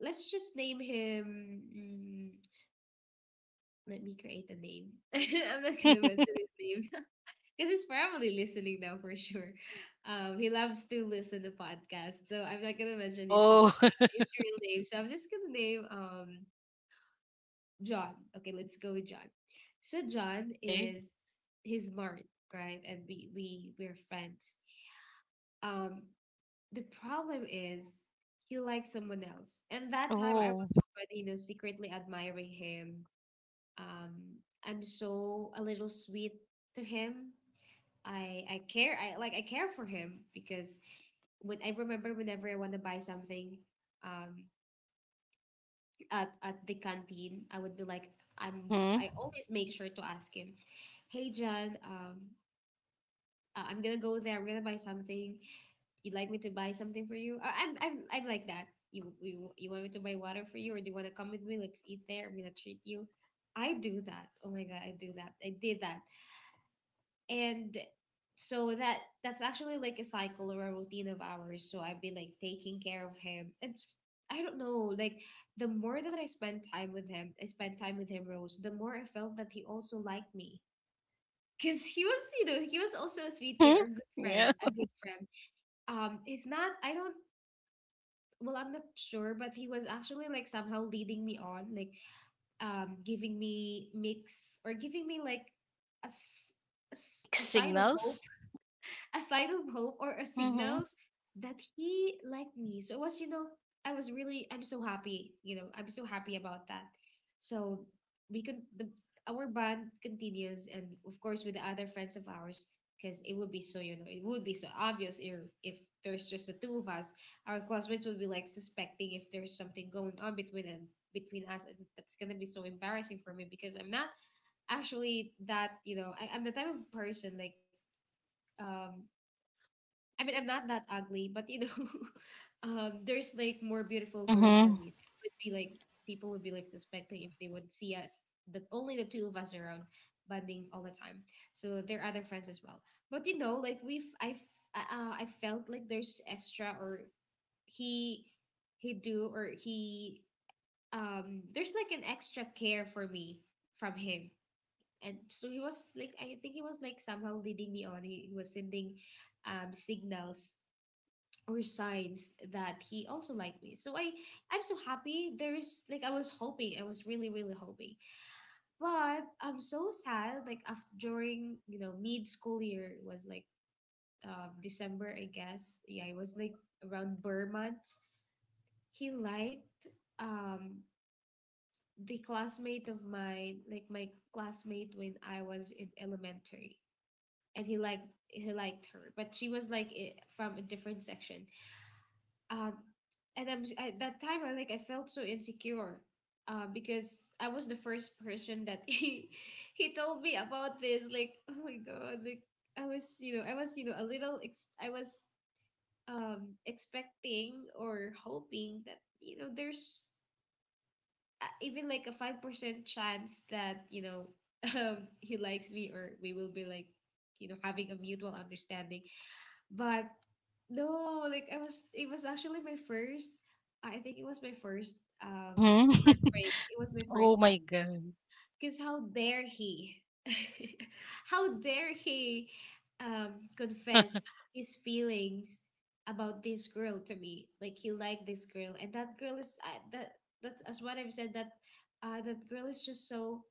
S1: let's just name him. Let me create a name. *laughs* I'm not gonna mention
S2: *laughs*
S1: his name, because he's probably listening now for sure. He loves to listen to podcasts, so I'm not gonna mention his
S2: Oh.
S1: his
S2: *laughs*
S1: real name. So I'm just gonna name John. Okay, let's go with John. So John
S2: Okay.
S1: is, he's married, right? And we we're friends. Um, the problem is he likes someone else, and that time I
S2: Oh.
S1: was already, you know, secretly admiring him. Um, I'm so a little sweet to him. I care for him because whenever I want to buy something um at the canteen, I would be like, I'm
S2: Mhm.
S1: I always make sure to ask him, hey John, I'm gonna go there, I'm gonna buy something, you'd like me to buy something for you? I'm like that. You want me to buy water for you, or do you want to come with me, let's eat there, I'm gonna treat you. I do that, oh my god, I do that, I did that. And so that's actually like a cycle or a routine of ours. So I've been like taking care of him, and I don't know, like the more that I spent time with him, Rose, the more I felt that he also liked me, because he was, you know, he was also a sweet guy, or
S2: Mhm.
S1: a good friend,
S2: Yeah.
S1: a good friend. It's not I don't Well, I'm not sure, but he was actually like somehow leading me on, like giving me mix, or giving me like a, s- a
S2: Mixed
S1: sign of hope,
S2: signals.
S1: a sign of hope, or a
S2: Mhm.
S1: signals that he liked me. So it was, you know, I was really, I'm so happy. You know, I'm so happy about that. So we could, the, our bond continues, and of course with the other friends of ours, because it would be so, you know, it would be so obvious if there's just the two of us, our classmates would be like suspecting if there's something going on between us, and that's gonna be so embarrassing for me because I'm not actually that, you know, I, I'm the type of person like um I mean, I'm not that ugly, but you know, *laughs* there's like more beautiful girls than
S2: Mhm.
S1: me. So it would be like people would be like suspecting if they would see us, that only the two of us around bonding all the time. So there are other friends as well. But you know, like we've I've I felt like there's extra, or he he do or he, there's like an extra care for me from him. And so he was like, I think he was like somehow leading me on. He was sending signals or signs that he also liked me. I'm so happy. There's like I was hoping. I was really, really hoping. But I'm so sad, like after, during, you know, mid school year, it was like December, I guess. Yeah, it was like around Burr months. He liked um the classmate of mine, like my classmate when I was in elementary. And he liked her, but she was like from a different section. uh, and I'm, at that time, I like I felt so insecure, because I was the first person that *laughs* he told me about this, like, oh my god, like I was, you know, I was, you know, a little I was expecting or hoping that, you know, there's even like a 5% chance that, you know, *laughs* he likes me, or we will be like, you know, having a mutual understanding. But no, it was actually my first. I think it was my first
S2: Mhm. *laughs*
S1: heartbreak. It was my first
S2: Oh my
S1: heartbreak.
S2: god.
S1: Because how dare he? *laughs* How dare he confess his feelings about this girl to me? Like he liked this girl, and that girl is That's as what I've said. That girl is just so,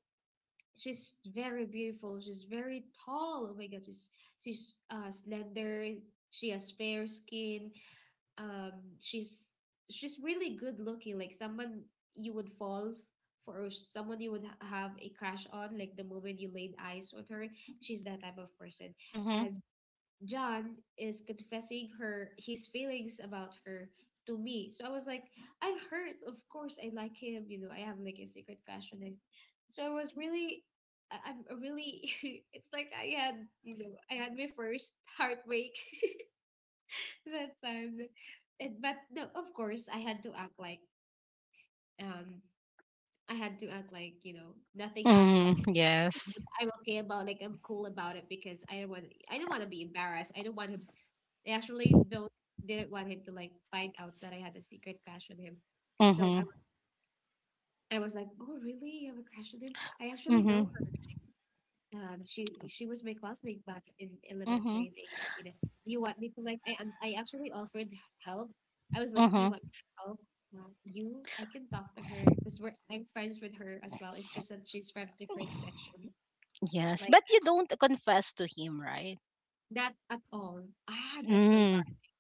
S1: she's very beautiful. She's very tall. Oh my god, she's slender. She has fair skin. Um, she's she's really good looking. Like someone you would for, or someone you would have a crush on. Like the moment you laid eyes on her, she's that type of person.
S2: Mhm.
S1: And John is confessing her his feelings about her to me. So I was like, I'm hurt. Of course, I like him. You know, I have like a secret crush on him. So I was really, I'm a really. *laughs* It's like I had, you know, I had my first heartbreak *laughs* that time. But no, of course, I had to act like, um, I had to act like, you know, nothing happened,
S2: Mhm.
S1: like
S2: Yes.
S1: I'm okay about, like I'm cool about it, because I don't want to be embarrassed. I don't want him they actually don't didn't want him to like find out that I had a secret crush on him. So
S2: Mhm.
S1: I was like, oh really? You have a crush on him? I actually know
S2: Mhm.
S1: her. She was my classmate back in
S2: Mhm.
S1: elementary days. You know, do you want me to like? I actually offered help. I was like, do you
S2: Mhm.
S1: want me to help? I can talk to her because we're I'm friends with her as well. It's just that she's from different section.
S2: Yes,
S1: Like
S2: but you don't confess to him, right?
S1: that at all. Ah, that's so
S2: Mhm.
S1: embarrassing.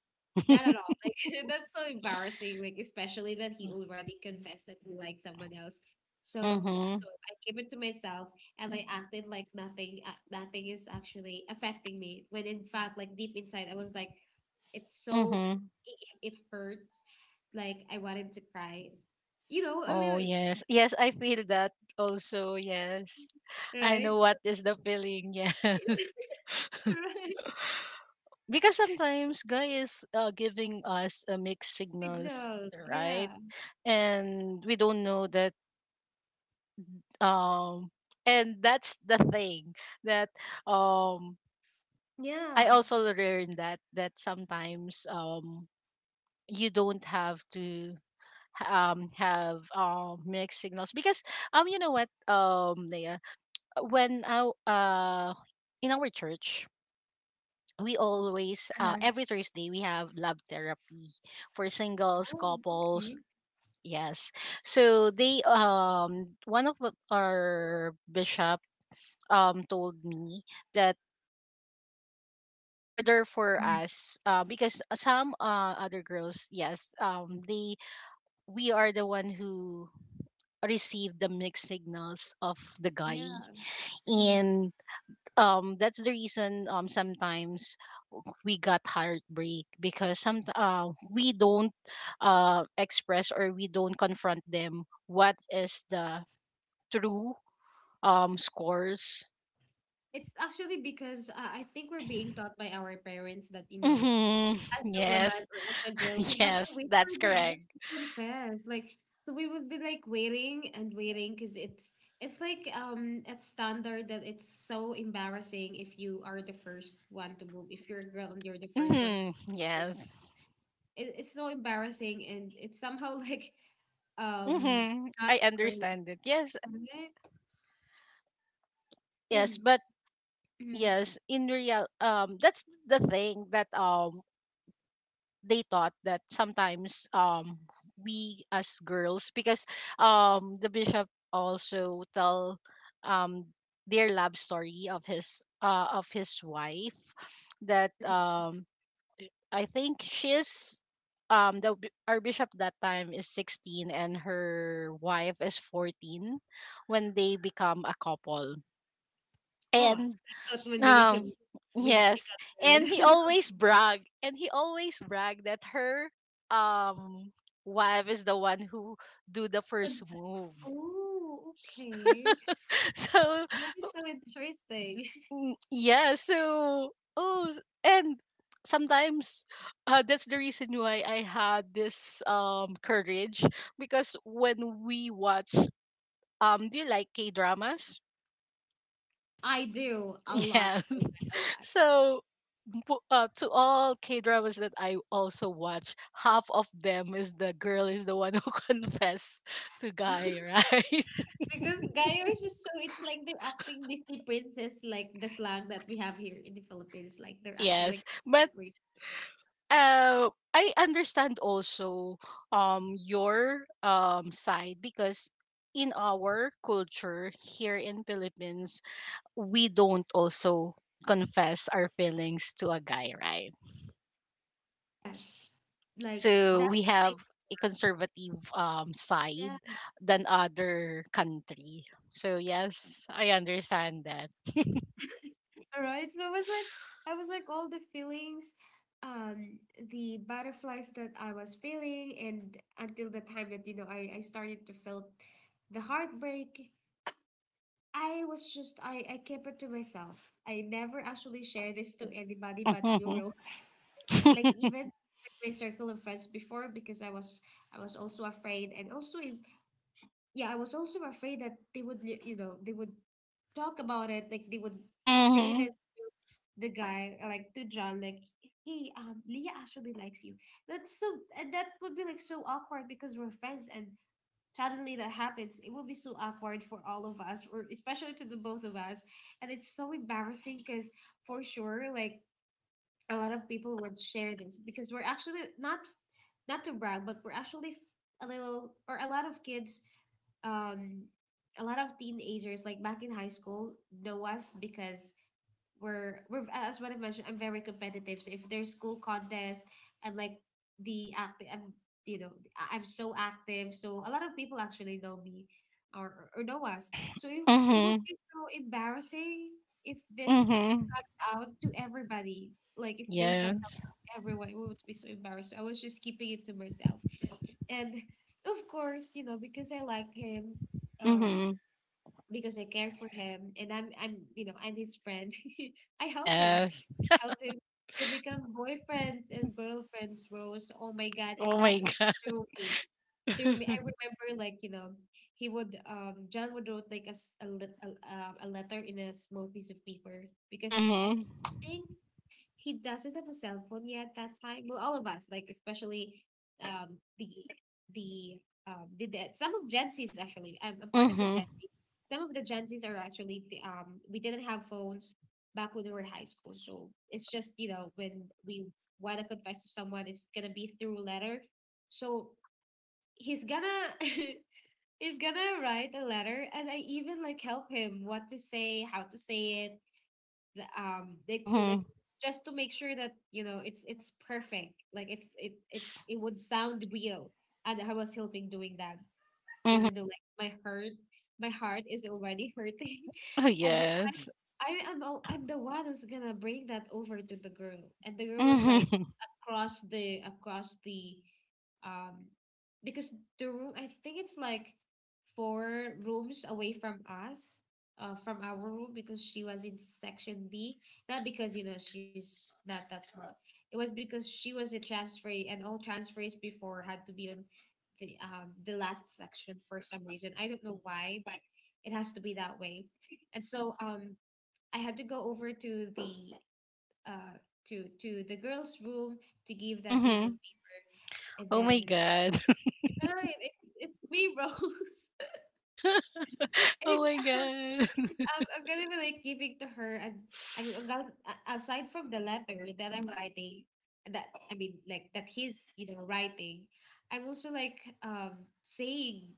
S1: Not at all. Like *laughs* that's so embarrassing. Like especially that he already confessed that he likes someone else.
S2: Mhm.
S1: So I keep it to myself, and I acted like nothing. Nothing is actually affecting me. When in fact, like deep inside, I was like, it's so
S2: Mm-hmm.
S1: it, it hurt. Like I wanted to cry. You know, a
S2: Oh,
S1: little.
S2: yes. Yes,
S1: 'Cause-
S2: I feel that also. Yes. I
S1: Right.
S2: know what is the feeling. *laughs* Yes.
S1: *laughs* Right.
S2: Because sometimes guy is, giving us, mixed signals,
S1: Signals.
S2: right?
S1: Yeah.
S2: And we don't know that. um and that's the thing that um I
S1: Yeah.
S2: also learned that, that sometimes you don't have to have mixed signals, because you know what, Leah, when our in our church, we always
S1: uh
S2: every Thursday we have love therapy for singles,
S1: Oh.
S2: couples.
S1: Okay.
S2: Yes. So they, one of the, our bishop told me that, order for
S1: Mhm.
S2: us, because some, other girls, yes, they, we are the one who receive the mixed signals of the guy.
S1: Yeah. Mm.
S2: And that's the reason sometimes we got heartbreak, because some, we don't express or we don't confront them what is the true scores.
S1: It's actually because I think we're being taught by our parents that, you know,
S2: Hmm.
S1: as a woman
S2: Yes.
S1: or as a girl,
S2: *laughs*
S1: we have to
S2: Yes,
S1: wait
S2: that's
S1: for the girls
S2: correct.
S1: to confess. Like, so we would be like waiting and waiting because it's like it's standard that it's so embarrassing if you are the first one to move. If you're a girl and you're the first one to
S2: Hmm,
S1: first,
S2: yes.
S1: it's so embarrassing, and it's somehow *laughs* like um
S2: Hmm,
S1: not
S2: I
S1: girl.
S2: understand it, yes.
S1: It,
S2: Yes, but yes, in real, that's the thing that they thought that sometimes we as girls, because the bishop also tell um their love story of his wife, that I think she's our bishop that time is 16, and her wife is 14 when they become a couple.
S1: oh, I
S2: And
S1: thought when they
S2: um,
S1: become when they
S2: yes.
S1: got married.
S2: And
S1: *laughs*
S2: he
S1: Okay,
S2: always brag, and he always brag that her um wife is the one who do the
S1: good.
S2: first move.
S1: Oh, okay.
S2: *laughs* So
S1: That is so interesting.
S2: mm, yeah, so oh and sometimes, that's the reason why I had this courage. Because when we watch, do you like K-dramas?
S1: I do a lot,
S2: Yeah.
S1: oh my, a
S2: *laughs*
S1: lot.
S2: So, to all K dramas that I also watch, half of them is the girl is the one who *laughs* confess to guy, right?
S1: Because Gayos is so, it's like they're acting Disney princess, like the slang that we have here in the Philippines. Like they're
S2: *laughs*
S1: acting like
S2: Yes,
S1: the
S2: but
S1: Disney princess.
S2: I understand also your side, because in our culture here in Philippines, we don't also confess our feelings to a guy, right?
S1: Yes. Like
S2: So
S1: that's
S2: we
S1: the
S2: have
S1: thing
S2: a
S1: before.
S2: conservative, side
S1: Yeah.
S2: than other country. So yes, I understand that.
S1: All right. So I was like all the feelings, um, the butterflies that I was feeling, and until the time that, you know, I started to feel the heartbreak. I was just I kept it to myself. I never actually shared this to anybody but you,
S2: Mhm.
S1: Rose. Like even with my circle of friends before, because I was also afraid, and also I was also afraid that they would, they would talk about it, like they would say this
S2: Mhm.
S1: to the guy, like to John, like, "Hey, Leah actually likes you." That's so, and that would be like so awkward because we're friends, and suddenly that happens. It would be so awkward for all of us, or especially to the both of us, and it's so embarrassing because, for sure, like a lot of people would share this, because we're actually not to brag, but we're actually a little or a lot of kids, um a lot of teenagers like back in high school know us, because we're as what I mentioned, I'm very competitive. So if there's school contest, I'm like the active. I'm, you know I- I'm so active. So a lot of people actually know me, or know us. So it would
S2: Mhm.
S1: be so embarrassing if this
S2: Mhm.
S1: out to everybody. Like if they come out
S2: Yes.
S1: to everyone, we would be so embarrassed. I was just keeping it to myself. And of course, you know, because I like him, um,
S2: Mhm.
S1: because I care for him, and I'm you know, I'm his friend. *laughs* I help him.
S2: Yes.
S1: I help him. They become boyfriends and girlfriends, Rose. Oh my God. And
S2: Oh
S1: that
S2: my
S1: is
S2: god.
S1: through me. Through me. I
S2: *laughs*
S1: remember, like, you know, he would John would wrote like a s- a, lit- a letter in a small piece of paper, because I
S2: Mhm.
S1: think he doesn't have a cell phone yet that time. Well, all of us, like especially um the the the some of Gen Zs actually. I'm a part of the Gen
S2: Mhm.
S1: Zs. Some of the Gen Zs are actually we didn't have phones back when we were in high school. So it's just, you know, when we wanna confess to someone, it's gonna be through letter. So he's gonna *laughs* he's gonna write a letter, and I even like help him what to say, how to say it, like to like
S2: Mhm.
S1: just to make sure that, you know, it's perfect, like
S2: Yes.
S1: it would sound real. And I was helping doing that,
S2: Mhm.
S1: even though like my heart is already *laughs* hurting.
S2: Oh
S1: And then
S2: yes.
S1: I'm the one who's gonna bring that over to the girl. And the girl was like
S2: Mhm.
S1: across the um because the room, I think it's like four rooms away from us, from our room, because she was in section D. Not because, you know, she's not that smart. It was because she was a transferee, and all transferees before had to be on the last section for some reason. I don't know why, but it has to be that way. And so I had to go over the uh to the girl's room to give that piece of
S2: Mhm.
S1: paper, and
S2: Oh my
S1: then,
S2: god. *laughs*
S1: right, it's me, Rose. *laughs*
S2: Oh
S1: And
S2: my
S1: um,
S2: god.
S1: I'm gonna be like giving to her. And I'm
S2: *laughs*
S1: about, aside from the letter that I'm writing, that I mean, like that he's, you know, writing, I'm also like, saying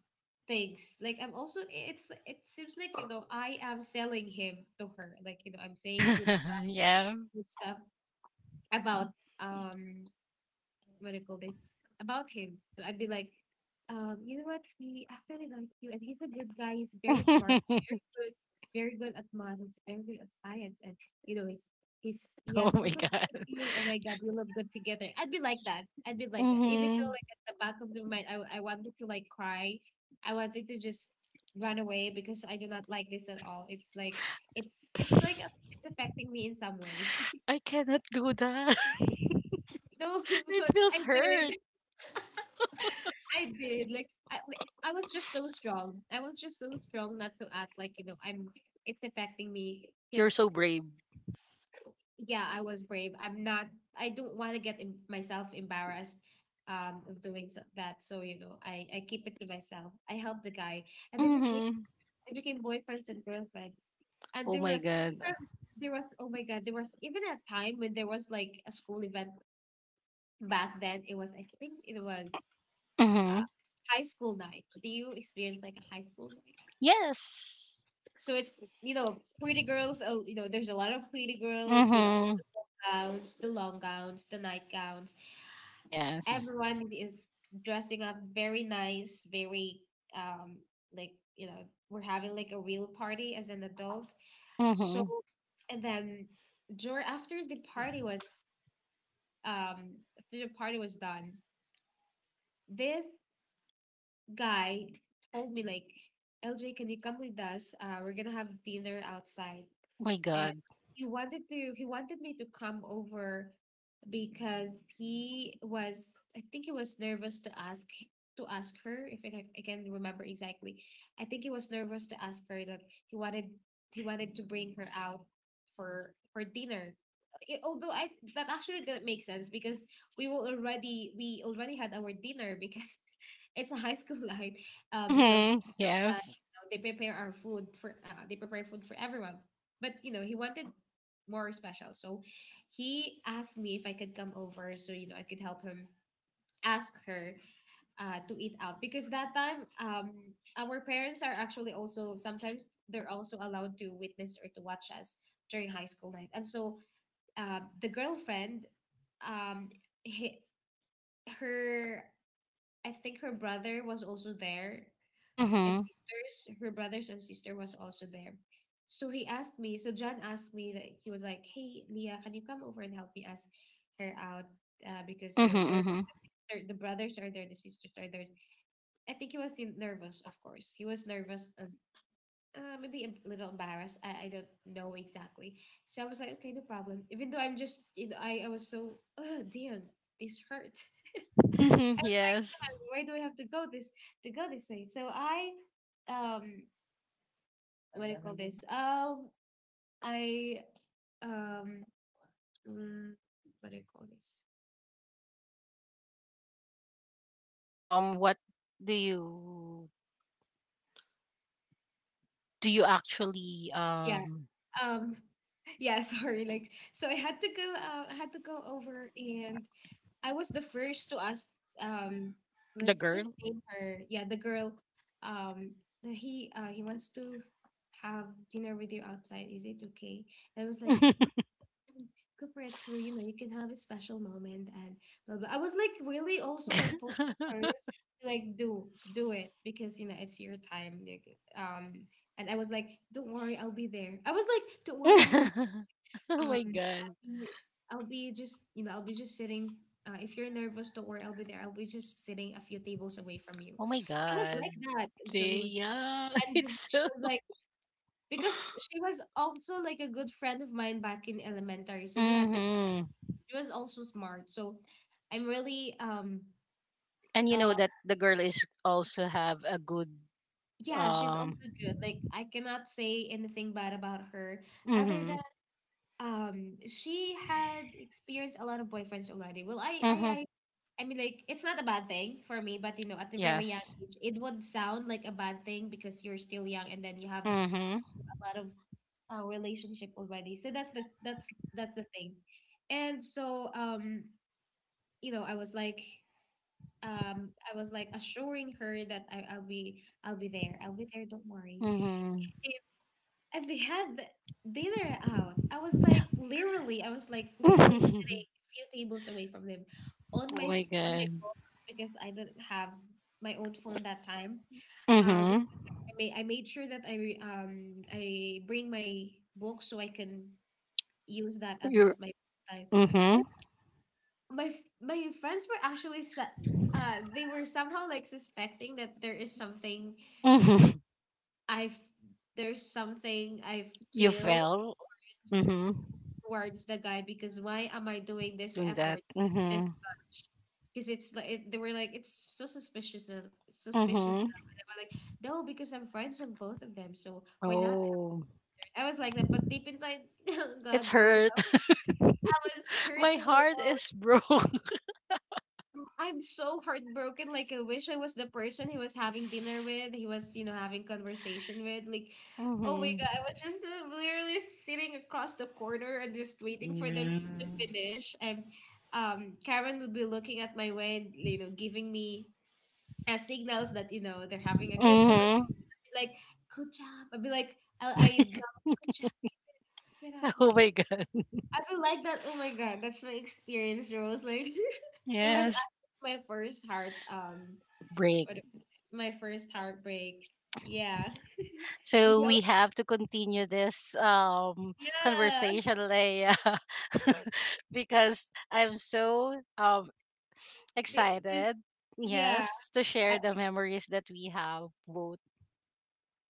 S1: things like, I'm also, it's it seems like, you know, I am selling him to her. Like, you know, I'm saying good stuff,
S2: *laughs* Yeah.
S1: good stuff about, um what do you call this, about him. So I'd be like, you know what? He actually likes you, and he's a good guy. He's very smart.
S2: *laughs*
S1: Good. He's very good at math. He's very good at science, and you know he's he
S2: Oh
S1: has
S2: my
S1: also
S2: god.
S1: fair skin. Oh my god, we look good together. I'd be like that. I'd be like that. Even though,
S2: Mm-hmm.
S1: like, at the back of the mind, I wanted to like cry. I wanted to just run away, because I do not like this at all. It's like it's like it's affecting me in some way.
S2: I cannot do that. *laughs*
S1: *laughs* No, *laughs*
S2: It
S1: but I
S2: feels hurt.
S1: did. I did. Like, I was just so strong. I was just so strong not to act like, you know, I'm. It's affecting me
S2: You're
S1: because,
S2: so brave.
S1: yeah, I was brave. I'm not. I don't want to get myself embarrassed of doing that. So, you know, I keep it to myself. I helped the guy, and
S2: Mm-hmm.
S1: they became boyfriends and girlfriends. And
S2: Oh
S1: there
S2: my
S1: was
S2: god.
S1: even there was, oh my god, there was even a time when there was like a school event back then. It was, I think it was, uh
S2: Mm-hmm.
S1: high school night. Do you experience like a high school night?
S2: Yes.
S1: So it's, you know, pretty girls. Oh, you know, there's a lot of pretty girls with all
S2: Mm-hmm.
S1: the gowns, the long gowns, the night gowns.
S2: Yes.
S1: Everyone is dressing up very nice, very, um like, you know, we're having like a real party as an adult. So,
S2: Mm-hmm.
S1: and then, Jor after the party was after the party was done, this guy told me like, LJ, can you come with us? We're gonna have dinner outside.
S2: My
S1: And
S2: god.
S1: he wanted me to come over because he was, I think he was nervous to ask her, if I, I can remember exactly. I think he was nervous to ask her that he wanted he wanted to bring her out for dinner. I- although I That actually didn't make sense, because we already had our dinner, because *laughs* it's a high school night. You know,
S2: Mm-hmm.
S1: that,
S2: Yes.
S1: you know, they prepare our food for, they prepare food for everyone. But, you know, he wanted more special, so he asked me if I could come over, so, you know, I could help him ask her to eat out, because that time our parents are actually also sometimes they're also allowed to witness or to watch us during high school night. And so, the girlfriend, um he, her I think her brother was also there, and
S2: Mm-hmm.
S1: sisters. Her brothers and sister was also there. So he asked me, so John asked me that he was like, "Hey Leah, can you come over and help me ask her out? Because, you know,
S2: Mm-hmm,
S1: they're the brothers are there, the sisters are there." I think he was nervous, of course. He was nervous, and, maybe a little embarrassed. I don't know exactly. So I was like, okay, no problem. Even though I'm just, you know, I was so, oh dear, this hurt. *laughs*
S2: Mm-hmm. *laughs*
S1: I was like, "Dad,
S2: Yes.
S1: why do I have to go this way?" So I, um what do you call this? I, um, mm, what do you call this?
S2: Hmm. What do you do? You actually
S1: Yeah. Um, *laughs* yeah. Sorry. Like, so I had to go. I had to go over, and I was the first to ask. Um,
S2: the
S1: let's just
S2: girl?
S1: name her. Yeah, the girl. Um, that he wants to have dinner with you outside. Is it okay? And I was like,
S2: *laughs*
S1: and corporate too, you know, you can have a special moment and blah blah. I was like really also like pushing her to like do it, because, you know, it's your time. Like, um, and I was like, don't worry, I'll be there. I was like, don't worry, I'll be,
S2: Oh
S1: um,
S2: my god.
S1: I'll be, I'll be just, you know, I'll be just sitting. If you're nervous, don't worry, I'll be there. I'll be just sitting a few tables away from you.
S2: Oh my
S1: I was
S2: god.
S1: like that, and so
S2: They, yeah, *laughs*
S1: and she
S2: it's so
S1: was like, because she was also like a good friend of mine back in elementary. So we had like
S2: Mm-hmm.
S1: she was also smart. So I'm really
S2: And you know
S1: uh
S2: that the girl is also have a good
S1: yeah, she's also
S2: um
S1: good. Like, I cannot say anything bad about her, other
S2: mm-hmm.
S1: than she had experienced a lot of boyfriends already. Well,
S2: Mm-hmm.
S1: I mean, like, it's not a bad thing for me, but, you know, at a very young
S2: Yes.
S1: age, it would sound like a bad thing, because you're still young, and then you have a
S2: Mm-hmm.
S1: lot of relationship already. So that's the thing. And so, you know, I was like, I was like assuring her that I'll be I'll be there, don't worry.
S2: Mm-hmm.
S1: And they had dinner out. I was like literally sitting
S2: *laughs*
S1: a few tables away from them, on
S2: Oh my
S1: on my
S2: god.
S1: phone, because I didn't have my own phone that time. Uh,
S2: Mm-hmm.
S1: I I made sure that I I bring my book, so I can use that as
S2: You're
S1: my first time.
S2: mm-hmm.
S1: And my friends were actually they were somehow like suspecting that there is something
S2: Mm-hmm. *laughs*
S1: I've there's something I
S2: You
S1: feel
S2: fell. Mm-hmm.
S1: towards the guy, because why am I doing this
S2: Doing that.
S1: effort like
S2: Mm-hmm.
S1: this much? Because it's like they were like it's so suspicious, suspicious
S2: Mm-hmm.
S1: now. And they were like, no, because I'm friends with both of them, so why not?
S2: Oh.
S1: I was like that, but deep inside *laughs*
S2: It's
S1: God bro,
S2: hurt.
S1: I was
S2: *laughs* My
S1: hurting
S2: heart
S1: bro.
S2: is broke. *laughs*
S1: Mm, I'm so heartbroken. Like, I wish I was the person he was having dinner with. He was, you know, having conversation with. Like, oh my
S2: Mm-hmm.
S1: god, I was just, literally sitting across the corner and just waiting for them
S2: Yeah.
S1: to finish. And Karen would be looking at my way, and, you know, giving me signals that, you know, they're having a good conversation.
S2: Mm-hmm.
S1: I'd be like, good job. I'd be like, good job. Keep it up.
S2: *laughs* Oh
S1: Like,
S2: my god.
S1: I feel like that. Oh my god, that's my experience, Rose. Like. *laughs* It was
S2: Yes.
S1: actually my first heart
S2: Break.
S1: what my first heartbreak. Yeah. Did
S2: So
S1: you
S2: we have to continue this,
S1: yeah.
S2: conversation, Leia, *laughs* because I'm so,
S1: The- you-
S2: excited.
S1: Yeah.
S2: Yes, to
S1: I
S2: share the
S1: was
S2: memories that we have both.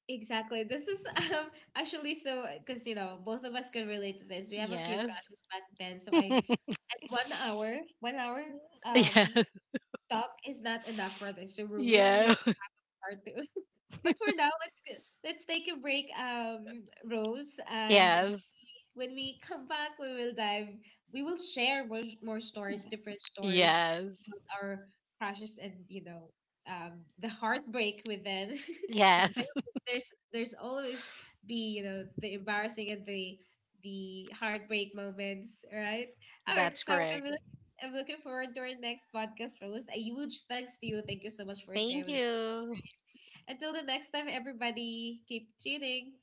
S1: Exactly. This is um actually so, because, you know, both of us can relate to this. We have a few
S2: Yes,
S1: crushes back then. So I at 1 hour,
S2: *laughs*
S1: um
S2: yes,
S1: talk is not enough for this. So we really need
S2: yeah,
S1: part two. *laughs* But for now, let's take a break, Rose.
S2: *laughs*
S1: And
S2: yes,
S1: when we come back, we will we will share more, more stories, different stories
S2: yes,
S1: about our crashes, and, you know, the heartbreak with them. *laughs* Because
S2: yes.
S1: there's always be, you know, the embarrassing and the heartbreak moments, right?
S2: *laughs*
S1: All right.
S2: That's
S1: So
S2: correct.
S1: I'm looking forward to our next podcast, Rose. A huge thanks to you. Thank you so much for sharing
S2: Thank
S1: your story.
S2: you.
S1: Until the next time, everybody, keep tuning.